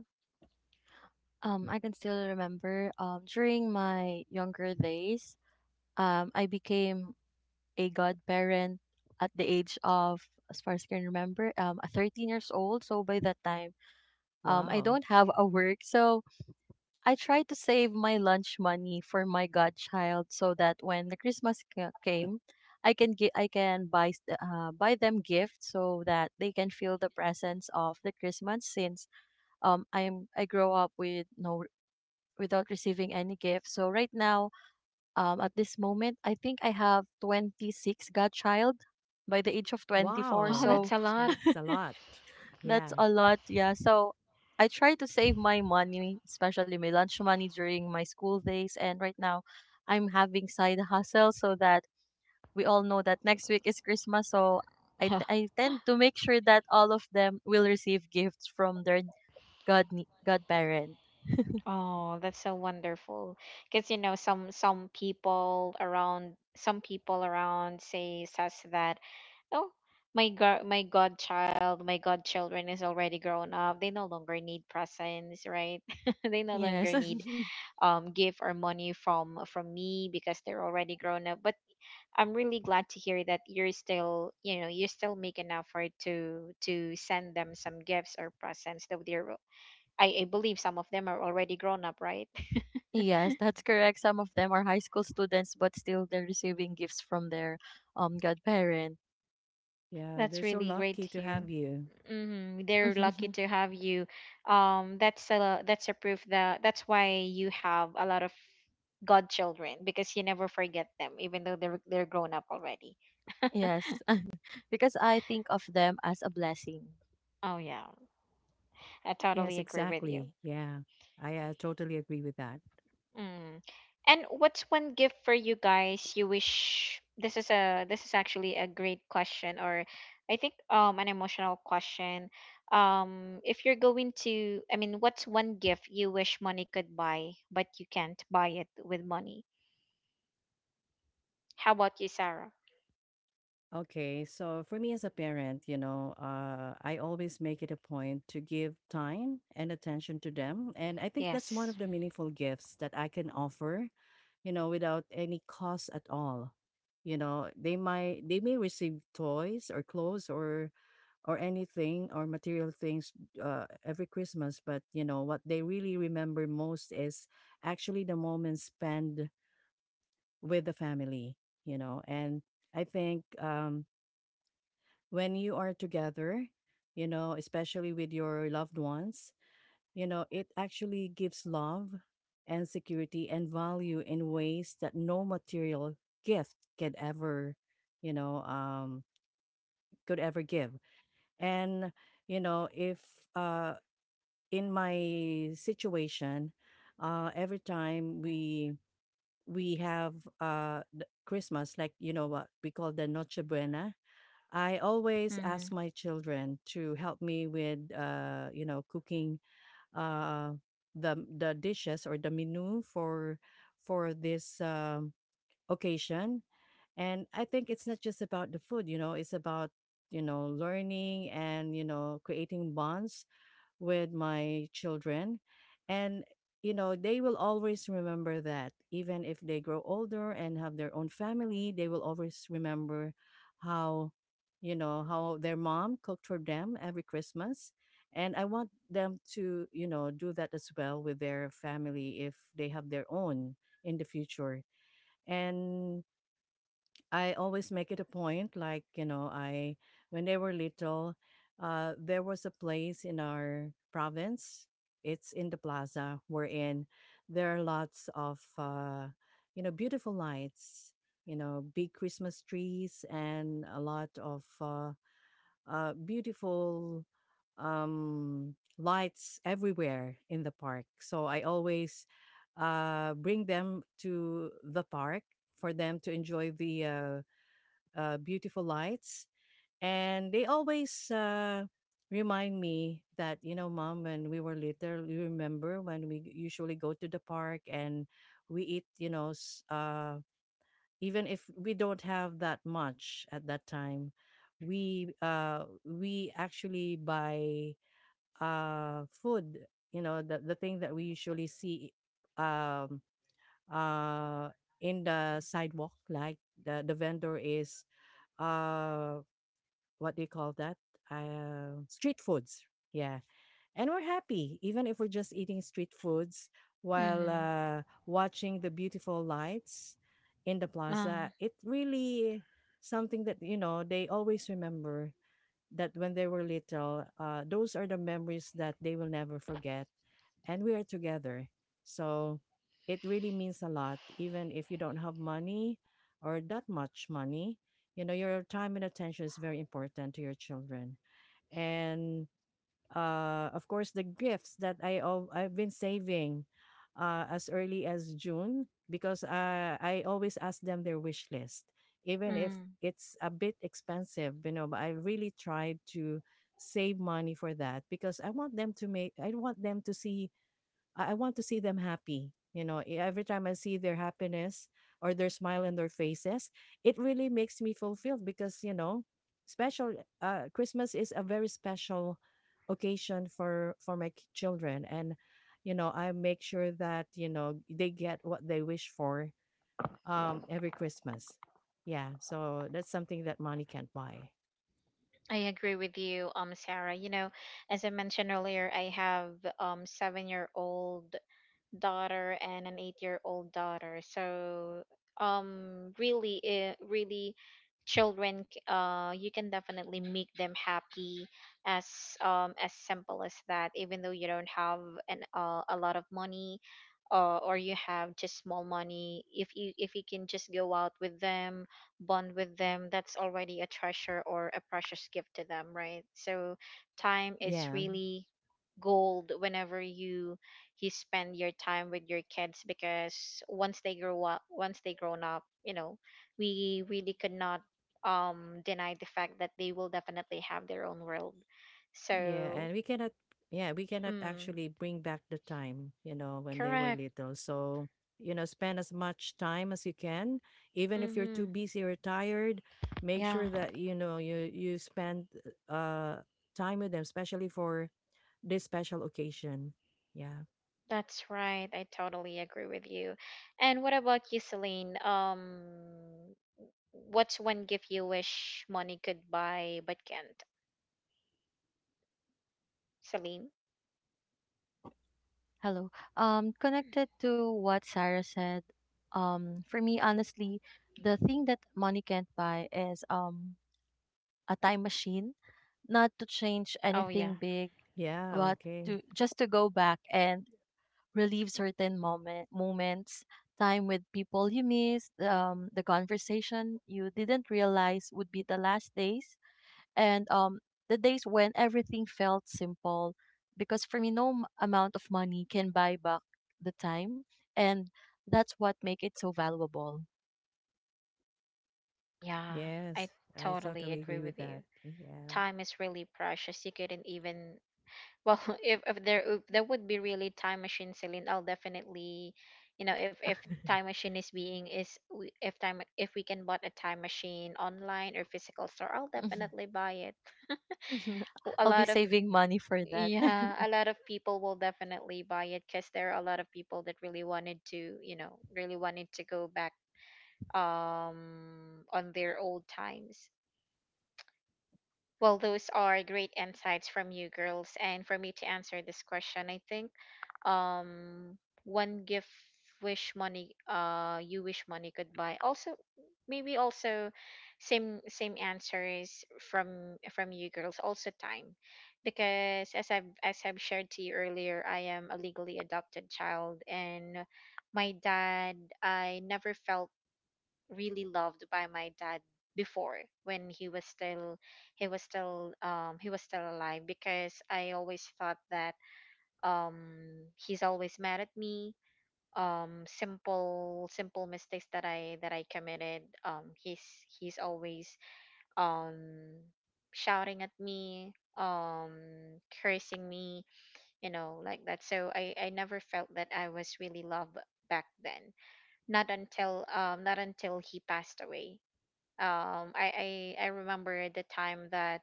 Speaker 3: Um, I can still remember, um, during my younger days, um, I became a godparent at the age of, as far as I can remember, um, thirteen years old. So by that time, um, I
Speaker 1: Wow.
Speaker 3: don't have a work. So I tried to save my lunch money for my godchild so that when the Christmas ca- came, I can gi- I can buy s- uh, buy them gifts so that they can feel the presence of the Christmas, since um I'm I grow up with no without receiving any gifts. So right now, um at this moment, I think I have twenty-six godchild by the age of twenty-four.
Speaker 2: oh,
Speaker 1: Wow.
Speaker 3: So
Speaker 2: that's a lot.
Speaker 1: That's a lot.
Speaker 3: that's
Speaker 1: Yeah.
Speaker 3: a lot, yeah. So I try to save my money, especially my lunch money during my school days. And right now, I'm having side hustle, so that we all know that next week is Christmas. So I, t-
Speaker 2: Yeah.
Speaker 3: I tend to make sure that all of them will receive gifts from their god godparent.
Speaker 2: Oh, that's so wonderful. Because you know, some some people around some people around say says that, oh, my god, my godchild, my godchildren is already grown up. They no longer need presents, right? They no
Speaker 3: Yes.
Speaker 2: longer need um, give our money from from me because they're already grown up. But I'm really glad to hear that you're still you know you still make an effort to to send them some gifts or presents though they're I, I believe some of them are already grown up, right?
Speaker 3: Yes, that's correct. Some of them are high school students, but still they're receiving gifts from their um godparent.
Speaker 1: Yeah.
Speaker 2: That's
Speaker 1: They're so
Speaker 2: really great
Speaker 1: lucky
Speaker 2: to
Speaker 1: to
Speaker 2: hear.
Speaker 1: have you.
Speaker 2: Hmm They're lucky to have you. Um, that's a that's a proof that that's why you have a lot of godchildren, because you never forget them, even though they're they're grown up already.
Speaker 3: Yes, because I think of them as a blessing.
Speaker 2: Oh yeah, I
Speaker 1: Yes,
Speaker 2: totally agree with you.
Speaker 1: exactly. Yeah. I uh, totally agree with that.
Speaker 2: Mm. And what's one gift for you guys you wish this is a this is actually a great question or I think um an emotional question. Um, if you're going to I mean what's one gift you wish money could buy but you can't buy it with money? How about you, Sarah?
Speaker 1: Okay, so for me as a parent, you know, uh, I always make it a point to give time and attention to them. And I think that's one
Speaker 2: Yes.
Speaker 1: of the meaningful gifts that I can offer, you know, without any cost at all. You know, they might they may receive toys or clothes or or anything or material things, uh, every Christmas, but you know what they really remember most is actually the moments spent with the family. You know, and I think, um, when you are together, you know, especially with your loved ones, you know, it actually gives love and security and value in ways that no material gift could ever, you know, um, could ever give. And, you know, if uh, in my situation, uh, every time we we have, uh, th- Christmas, like you know what we call the Noche Buena, I always
Speaker 2: Mhm.
Speaker 1: ask my children to help me with, uh, you know, cooking, uh, the the dishes or the menu for for this um, occasion. And I think it's not just about the food, you know, it's about you know learning and you know creating bonds with my children, and you know they will always remember that, even if they grow older and have their own family, they will always remember how you know how their mom cooked for them every Christmas. And I want them to, you know do that as well with their family if they have their own in the future. And I always make it a point, like, you know, I, when they were little, uh, there was a place in our province. It's in the plaza wherein there are lots of, uh, you know, beautiful lights, you know, big Christmas trees and a lot of uh, uh, beautiful um, lights everywhere in the park. So I always uh, bring them to the park for them to enjoy the uh, uh, beautiful lights. And they always uh, remind me that, you know, mom, when we were little, you remember when we usually go to the park and we eat, you know, s- uh, even if we don't have that much at that time, we uh, we actually buy uh, food, you know, the, the thing that we usually see um, uh, in the sidewalk, like the, the vendor is uh what do you call that? Uh, street foods. Yeah. And we're happy, even if we're just eating street foods while
Speaker 2: Mhm.
Speaker 1: uh, watching the beautiful lights in the plaza.
Speaker 2: Um,
Speaker 1: It really something that, you know, they always remember that when they were little, uh, those are the memories that they will never forget and we are together. So it really means a lot, even if you don't have money or that much money. You know, your time and attention is very important to your children. And uh, of course, the gifts that I al- I've been saving uh, as early as June because uh, I always ask them their wish list, even if
Speaker 2: mm.
Speaker 1: it's a bit expensive. You know, but I really tried to save money for that because I want them to make I want them to see I, I want to see them happy. You know, e- every time I see their happiness or their smile on their faces, it really makes me fulfilled because, you know, special uh, Christmas is a very special occasion for for my k- children, and you know i make sure that you know they get what they wish for um every Christmas. Yeah, so that's something that money can't buy.
Speaker 2: I agree with you, um Sarah. You know, as I mentioned earlier, I have um seven-year-old daughter and an eight-year-old daughter. So um really uh, really children c- uh you can definitely make them happy as um as simple as that, even though you don't have an uh, a lot of money, uh, or you have just small money. If you if you can just go out with them, bond with them, that's already a treasure or a precious gift to them, right? So time is
Speaker 1: Yeah.
Speaker 2: really gold whenever you you spend your time with your kids, because once they grow up once they grown up, you know, we really could not um deny the fact that they will definitely have their own world.
Speaker 1: Yeah,
Speaker 2: So
Speaker 1: and we cannot yeah, we cannot
Speaker 2: mm,
Speaker 1: actually bring back the time, you know, when they were
Speaker 2: correct.
Speaker 1: little. So, you know, spend as much time as you can. Even if you're
Speaker 2: Mm-hmm.
Speaker 1: too busy or tired, make
Speaker 2: Yeah,
Speaker 1: sure that you know you you spend uh time with them, especially for this special occasion. Yeah.
Speaker 2: that's right. I totally agree with you. And what about you, Celine? um what's one gift you wish money could buy but can't, Celine?
Speaker 3: Hello. Um, connected to what Sarah said. Um, for me, honestly, the thing that money can't buy is um a time machine, not to change
Speaker 2: Oh
Speaker 3: anything
Speaker 2: yeah.
Speaker 3: big,
Speaker 1: Yeah,
Speaker 3: but
Speaker 1: okay.
Speaker 3: to just to go back and relive certain moment moments, time with people you missed, um, the conversation you didn't realize would be the last days, and um, the days when everything felt simple. Because for me, no m- amount of money can buy back the time, and that's what make it so valuable.
Speaker 2: Yeah,
Speaker 1: Yes,
Speaker 2: I
Speaker 1: I
Speaker 2: totally
Speaker 1: totally agree
Speaker 2: agree
Speaker 1: with
Speaker 2: with you.
Speaker 1: that. Yeah.
Speaker 2: Time is really precious. You couldn't even well, if if there if there would be really time machine, Celine, I'll definitely, you know, if if time machine is being is we- if time if we can bought a time machine online or physical store, I'll
Speaker 3: Mhm.
Speaker 2: definitely buy it. Who- A
Speaker 3: I'll be
Speaker 2: lot of
Speaker 3: saving money for that.
Speaker 2: yeah, a lot of people will definitely buy it, because there are a lot of people that really wanted to, you know, really wanted to go back um on their old times. Well, those are great insights from you girls. And for me to answer this question, I think um one gift wish money uh you wish money could buy. Also maybe also same same answers from from you girls: also time. Because as I've as I've shared to you earlier, I am a legally adopted child, and my dad I never felt really loved by my dad before, when he was still he was still um he was still alive, because I always thought that um he's always mad at me, um simple simple mistakes that I that I committed, um he's he's always um shouting at me, um cursing me, you know, like that. So I I never felt that I was really loved back then, not until um not until he passed away. um I, I I remember the time that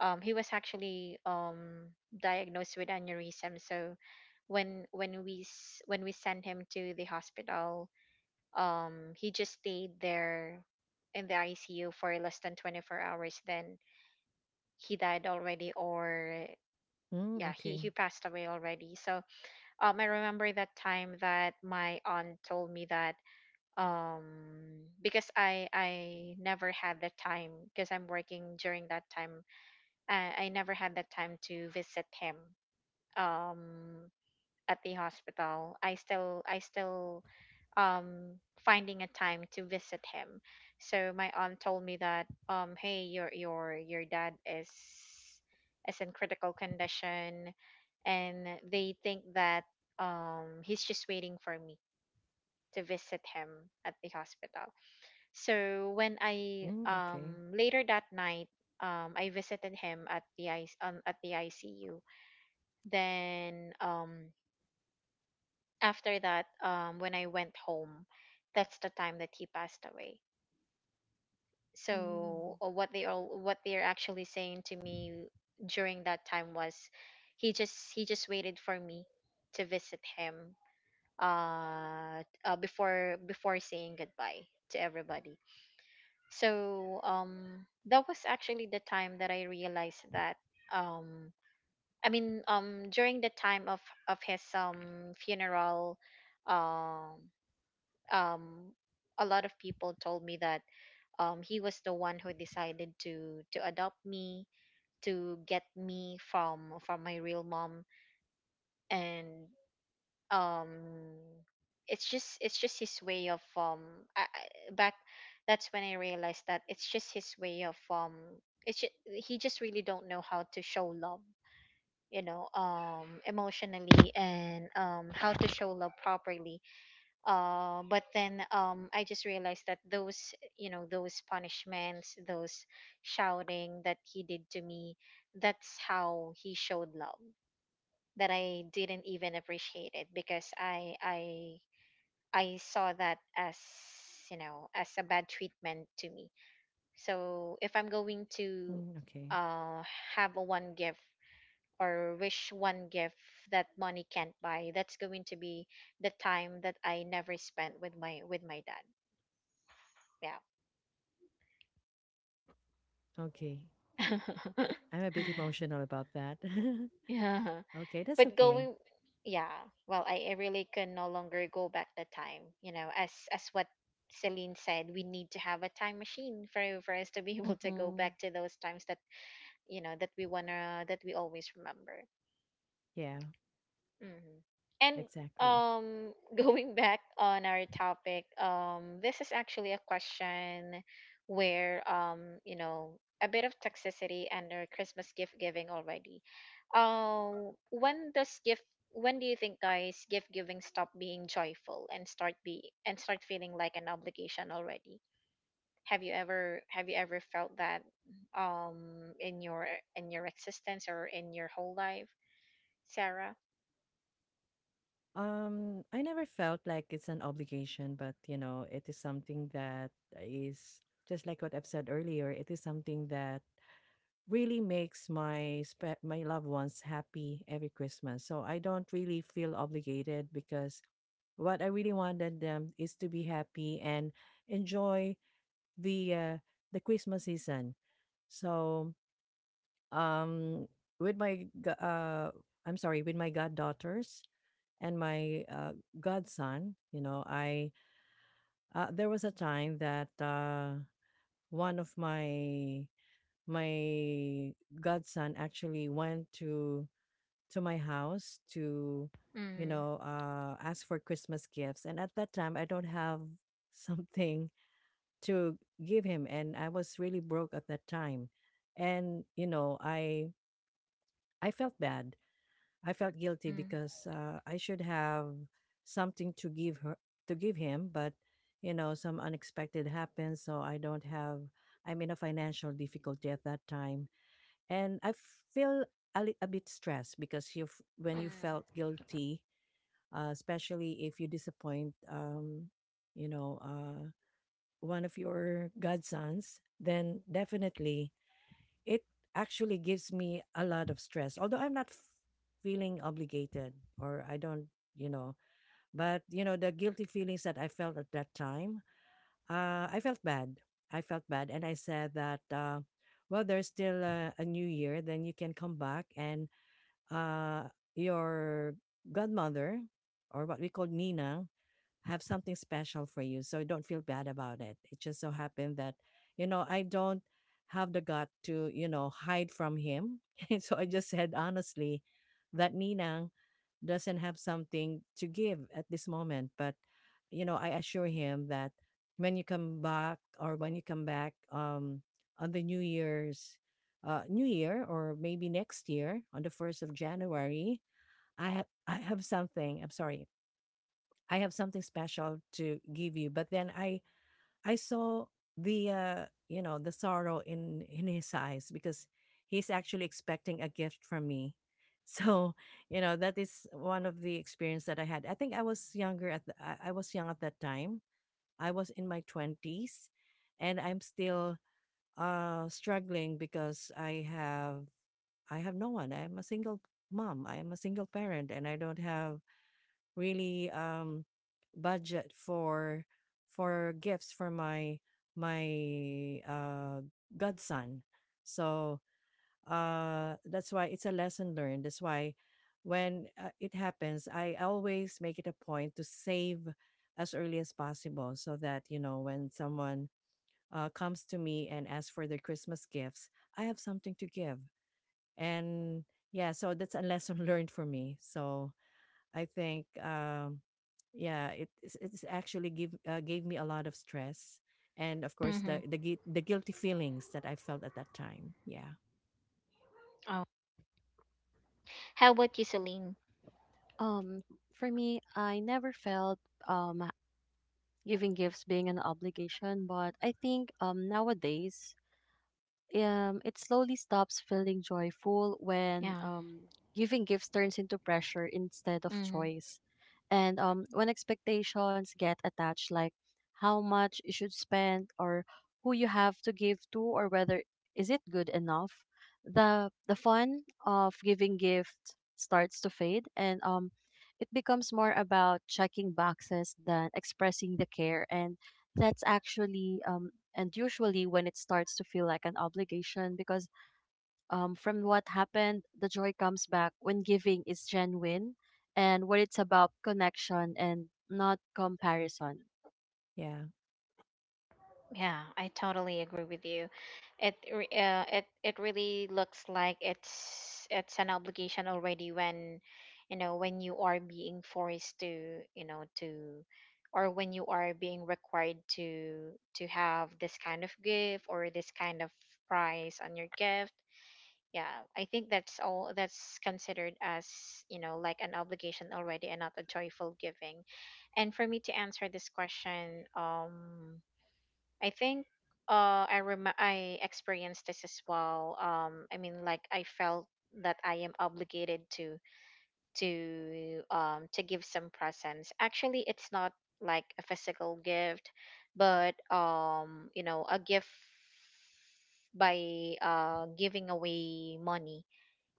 Speaker 2: um he was actually um diagnosed with aneurysm. So when when we s- when we sent him to the hospital, um he just stayed there in the I C U for less than twenty-four hours, then he died already, or
Speaker 1: Mm,
Speaker 2: yeah, he
Speaker 1: okay.
Speaker 2: he passed away already. So um I remember that time that my aunt told me that, um because I I never had the time, because I'm working during that time, uh, I never had the time to visit him, um at the hospital. I still I still um finding a time to visit him. So my aunt told me that, um hey, your your your dad is is in critical condition, and they think that um he's just waiting for me to visit him at the hospital. So when I
Speaker 1: Mm, okay.
Speaker 2: um later that night um I visited him at the I C, um, at the I C U. Then um after that um when I went home, that's the time that he passed away. So
Speaker 3: Mm.
Speaker 2: uh, what they all what they're actually saying to me during that time was he just he just waited for me to visit him uh, uh before before saying goodbye to everybody. So um, that was actually the time that I realized that um, I mean um, during the time of of his um, funeral, um, um, a lot of people told me that um, he was the one who decided to to adopt me to get me from from my real mom. And um it's just it's just his way of um I, I, back that's when I realized that it's just his way of um it's just, he just really don't know how to show love, you know, um emotionally, and um how to show love properly. Uh but then um I just realized that those, you know, those punishments, those shouting that he did to me, that's how he showed love, that I didn't even appreciate it because I I I saw that as, you know, as a bad treatment to me. So if I'm going to
Speaker 1: Mm, okay.
Speaker 2: uh, have a one gift, or wish one gift, that money can't buy, that's going to be the time that I never spent with my with my dad.
Speaker 1: Okay.
Speaker 2: Yeah.
Speaker 1: I'm a bit emotional about that.
Speaker 2: Yeah.
Speaker 1: Okay, that's
Speaker 2: but
Speaker 1: okay.
Speaker 2: going Yeah, well, I, I really can no longer go back the time, you know, as as what Celine said, we need to have a time machine for for us to be able to go
Speaker 3: hmm
Speaker 2: back to those times that, you know, that we wanna that we always remember.
Speaker 1: Yeah,
Speaker 2: Hmm. And
Speaker 1: exactly.
Speaker 2: um, going back on our topic, um, this is actually a question where, um, you know, a bit of toxicity under Christmas gift giving already. Um, when does gift? When do you think, guys, gift giving stop being joyful and start be and start feeling like an obligation already? Have you ever have you ever felt that um in your in your existence or in your whole life, Sarah?
Speaker 1: Um, I never felt like it's an obligation, but you know, it is something that is just like what I've said earlier. It is something that really makes my spe- my loved ones happy every Christmas. So I don't really feel obligated because what I really wanted them is to be happy and enjoy the uh, the Christmas season. So um with my g- uh I'm sorry with my goddaughters and my uh, godson. You know I uh, there was a time that uh one of my my godson actually went to to my house to you
Speaker 2: Mm-hmm.
Speaker 1: know uh ask for Christmas gifts, and at that time I don't have something to give him, and I was really broke at that time. And you know i i felt bad. I felt guilty because uh, I should have something to give her, to give him, but you know, some unexpected happens, so I don't have. I'm in a financial difficulty at that time, and I feel a, li- a bit stressed because you f- when you
Speaker 2: Mm.
Speaker 1: felt guilty, uh, especially if you disappoint, um, you know, uh, one of your godsons, then definitely it actually gives me a lot of stress, although I'm not f- feeling obligated, or I don't, you know but you know the guilty feelings that I felt at that time, uh, I felt bad. I felt bad, and I said that, uh, well, there's still a, a new year, then you can come back, and uh, your godmother, or what we call Ninang, have something special for you. So don't feel bad about it. It just so happened that, you know, I don't have the gut to, you know, hide from him. And so I just said honestly that Ninang doesn't have something to give at this moment. But, you know, I assure him that when you come back or when you come back, um, on the New Year's, uh, New Year, or maybe next year on the first of January, I have I have something. I'm sorry. I have something special to give you. But then I I saw the uh, you know, the sorrow in in his eyes because he's actually expecting a gift from me. So, you know, that is one of the experience that I had. I think I was younger at the, I, I was young at that time. I was in my twenties, and I'm still uh struggling because I have I have no one. I am a single mom. I am a single parent, and I don't have really um budget for for gifts for my my uh godson. So uh that's why it's a lesson learned. That's why when uh, it happens, I always make it a point to save as early as possible so that, you know, when someone uh, comes to me and asks for their Christmas gifts, I have something to give. And yeah, so that's a lesson learned for me. So I think um yeah, it it's it's actually give uh, gave me a lot of stress, and of course the
Speaker 2: Mm-hmm.
Speaker 1: the gui- the guilty feelings that I felt at that time. Yeah.
Speaker 2: Oh, how about you, Celine?
Speaker 3: Um, for me, I never felt um giving gifts being an obligation, but I think um nowadays um it slowly stops feeling joyful when
Speaker 2: Yeah.
Speaker 3: um giving gifts turns into pressure instead of
Speaker 2: Mm-hmm.
Speaker 3: choice. And um when expectations get attached, like how much you should spend, or who you have to give to, or whether is it good enough, the the fun of giving gift starts to fade, and um it becomes more about checking boxes than expressing the care, and that's actually um and usually when it starts to feel like an obligation, because um from what happened, the joy comes back when giving is genuine and what it's about connection and not comparison.
Speaker 1: Yeah.
Speaker 2: Yeah, I totally agree with you. It re- uh, it it really looks like it's it's an obligation already when, you know, when you are being forced to, you know, to, or when you are being required to to have this kind of gift or this kind of price on your gift. Yeah, I think that's all that's considered as, you know, like an obligation already and not a joyful giving. And for me, to answer this question, um I think uh i rem- I experienced this as well. um I mean, like, I felt that I am obligated to to um to give some presents. Actually, it's not like a physical gift, but um you know, a gift by uh giving away money,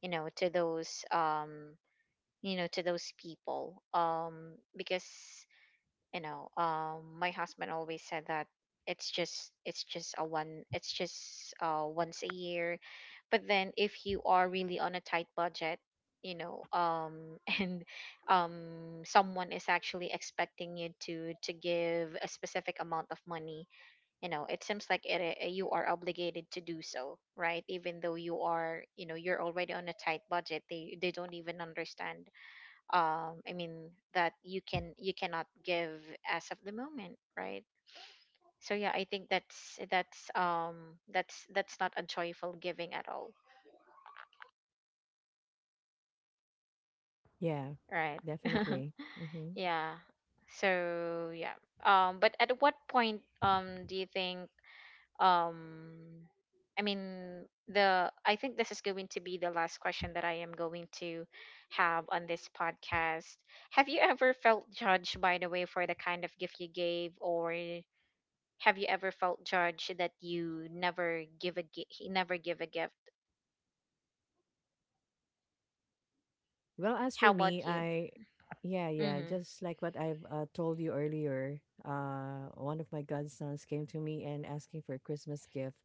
Speaker 2: you know, to those, um you know, to those people, um because, you know, um my husband always said that it's just it's just a one it's just uh once a year. But then, if you are really on a tight budget, you know, um and um someone is actually expecting you to to give a specific amount of money, you know, it seems like it, uh, you are obligated to do so, right? Even though you are, you know, you're already on a tight budget, they they don't even understand. um I mean, that you can, you cannot give as of the moment, right? So yeah, I think that's that's um that's that's not a joyful giving at all,
Speaker 1: Yeah,
Speaker 2: right?
Speaker 1: definitely. Hmm.
Speaker 2: Yeah. So yeah, um but at what point, um do you think, um I mean the I think this is going to be the last question that I am going to have on this podcast. Have you ever felt judged by the way for the kind of gift you gave, or have you ever felt judged that you never give a gi- never give a gift?
Speaker 1: Well, as
Speaker 2: How
Speaker 1: for me,
Speaker 2: about you?
Speaker 1: I yeah, yeah,
Speaker 2: Mhm.
Speaker 1: just like what I've uh, told you earlier, uh one of my godsons came to me and asking for a Christmas gift.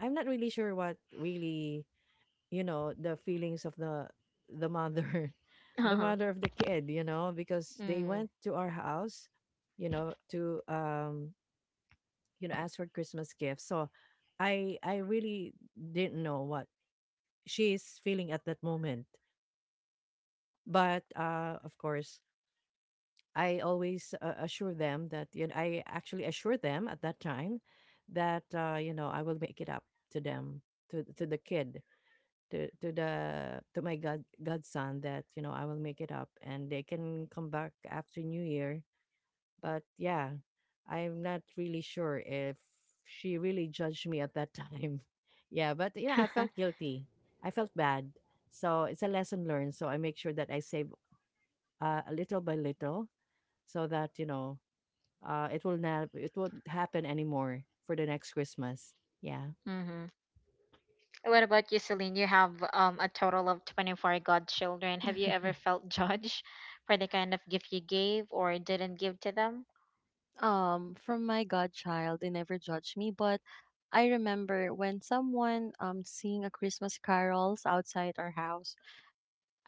Speaker 1: I'm not really sure what really, you know the feelings of the, the mother, the
Speaker 2: Uh-huh.
Speaker 1: mother of the kid, you know because they
Speaker 2: Mm.
Speaker 1: went to our house, you know to um you know ask for Christmas gifts. So i i really didn't know what she's feeling at that moment. But uh of course, I always uh, assure them that, you know I actually assure them at that time that uh you know I will make it up to them, to to the kid, to to the to my god godson, that you know I will make it up and they can come back after New Year. But yeah, I'm not really sure if she really judged me at that time. Yeah, but you know I felt guilty. I felt bad. So it's a lesson learned. So I make sure that I save uh, a little by little, so that you know uh, it will not it won't happen anymore for the next Christmas. Yeah.
Speaker 2: Mhm. What about you, Celine? You have um, a total of twenty-four godchildren. Have you ever felt judged for the kind of gift you gave or didn't give to them?
Speaker 3: um from my godchild they never judged me, but I remember when someone um sing a Christmas carols outside our house,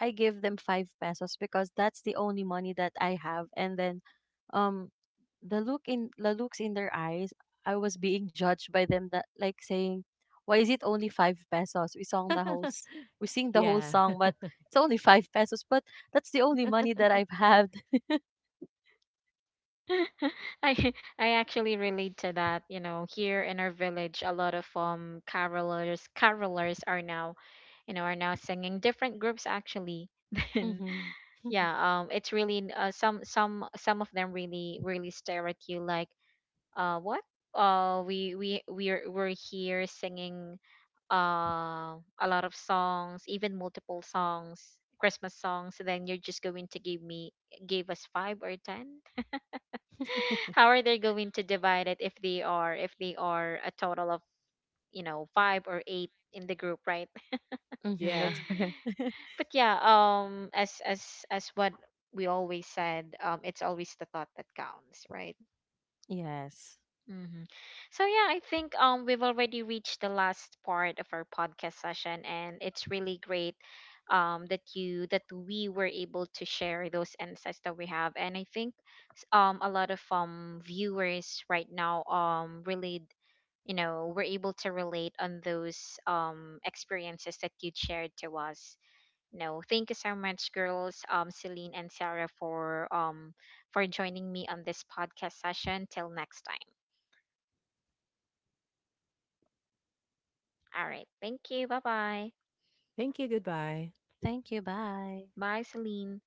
Speaker 3: I give them five pesos because that's the only money that I have. And then, um, the look in the looks in their eyes, I was being judged by them that like saying, "Why is it only five pesos? We sung the whole, s- we sing the whole
Speaker 1: Yeah.
Speaker 3: song, but it's only five pesos. But that's the only money that I've had."
Speaker 2: I I actually relate to that. You know, here in our village, a lot of um carolers carolers are now, you know, are now singing different groups actually. Then
Speaker 3: hmm
Speaker 2: yeah, um, it's really n- uh, some some some of them really really stare at you like, uh, what? Uh, we we we're we're here singing uh, a lot of songs, even multiple songs, Christmas songs, so then you're just going to give me give us five or ten? How are they going to divide it if they are if they are a total of, you know, five or eight in the group, right?
Speaker 3: Mm-hmm,
Speaker 1: Yeah.
Speaker 3: that's correct.
Speaker 2: But yeah, um, as as as what we always said, um, it's always the thought that counts, right?
Speaker 3: Yes.
Speaker 2: Mm-hmm. So yeah, I think um we've already reached the last part of our podcast session, and it's really great um that you that we were able to share those insights that we have, and I think s- um a lot of um viewers right now um really, you know, were able to relate on those um experiences that you shared to us. You know, thank you so much, girls, um Celine and Sarah, for um for joining me on this podcast session. Till next time. All right. Thank you. Bye bye.
Speaker 1: Thank you. Goodbye.
Speaker 3: Thank you. Bye.
Speaker 2: Bye, Celine.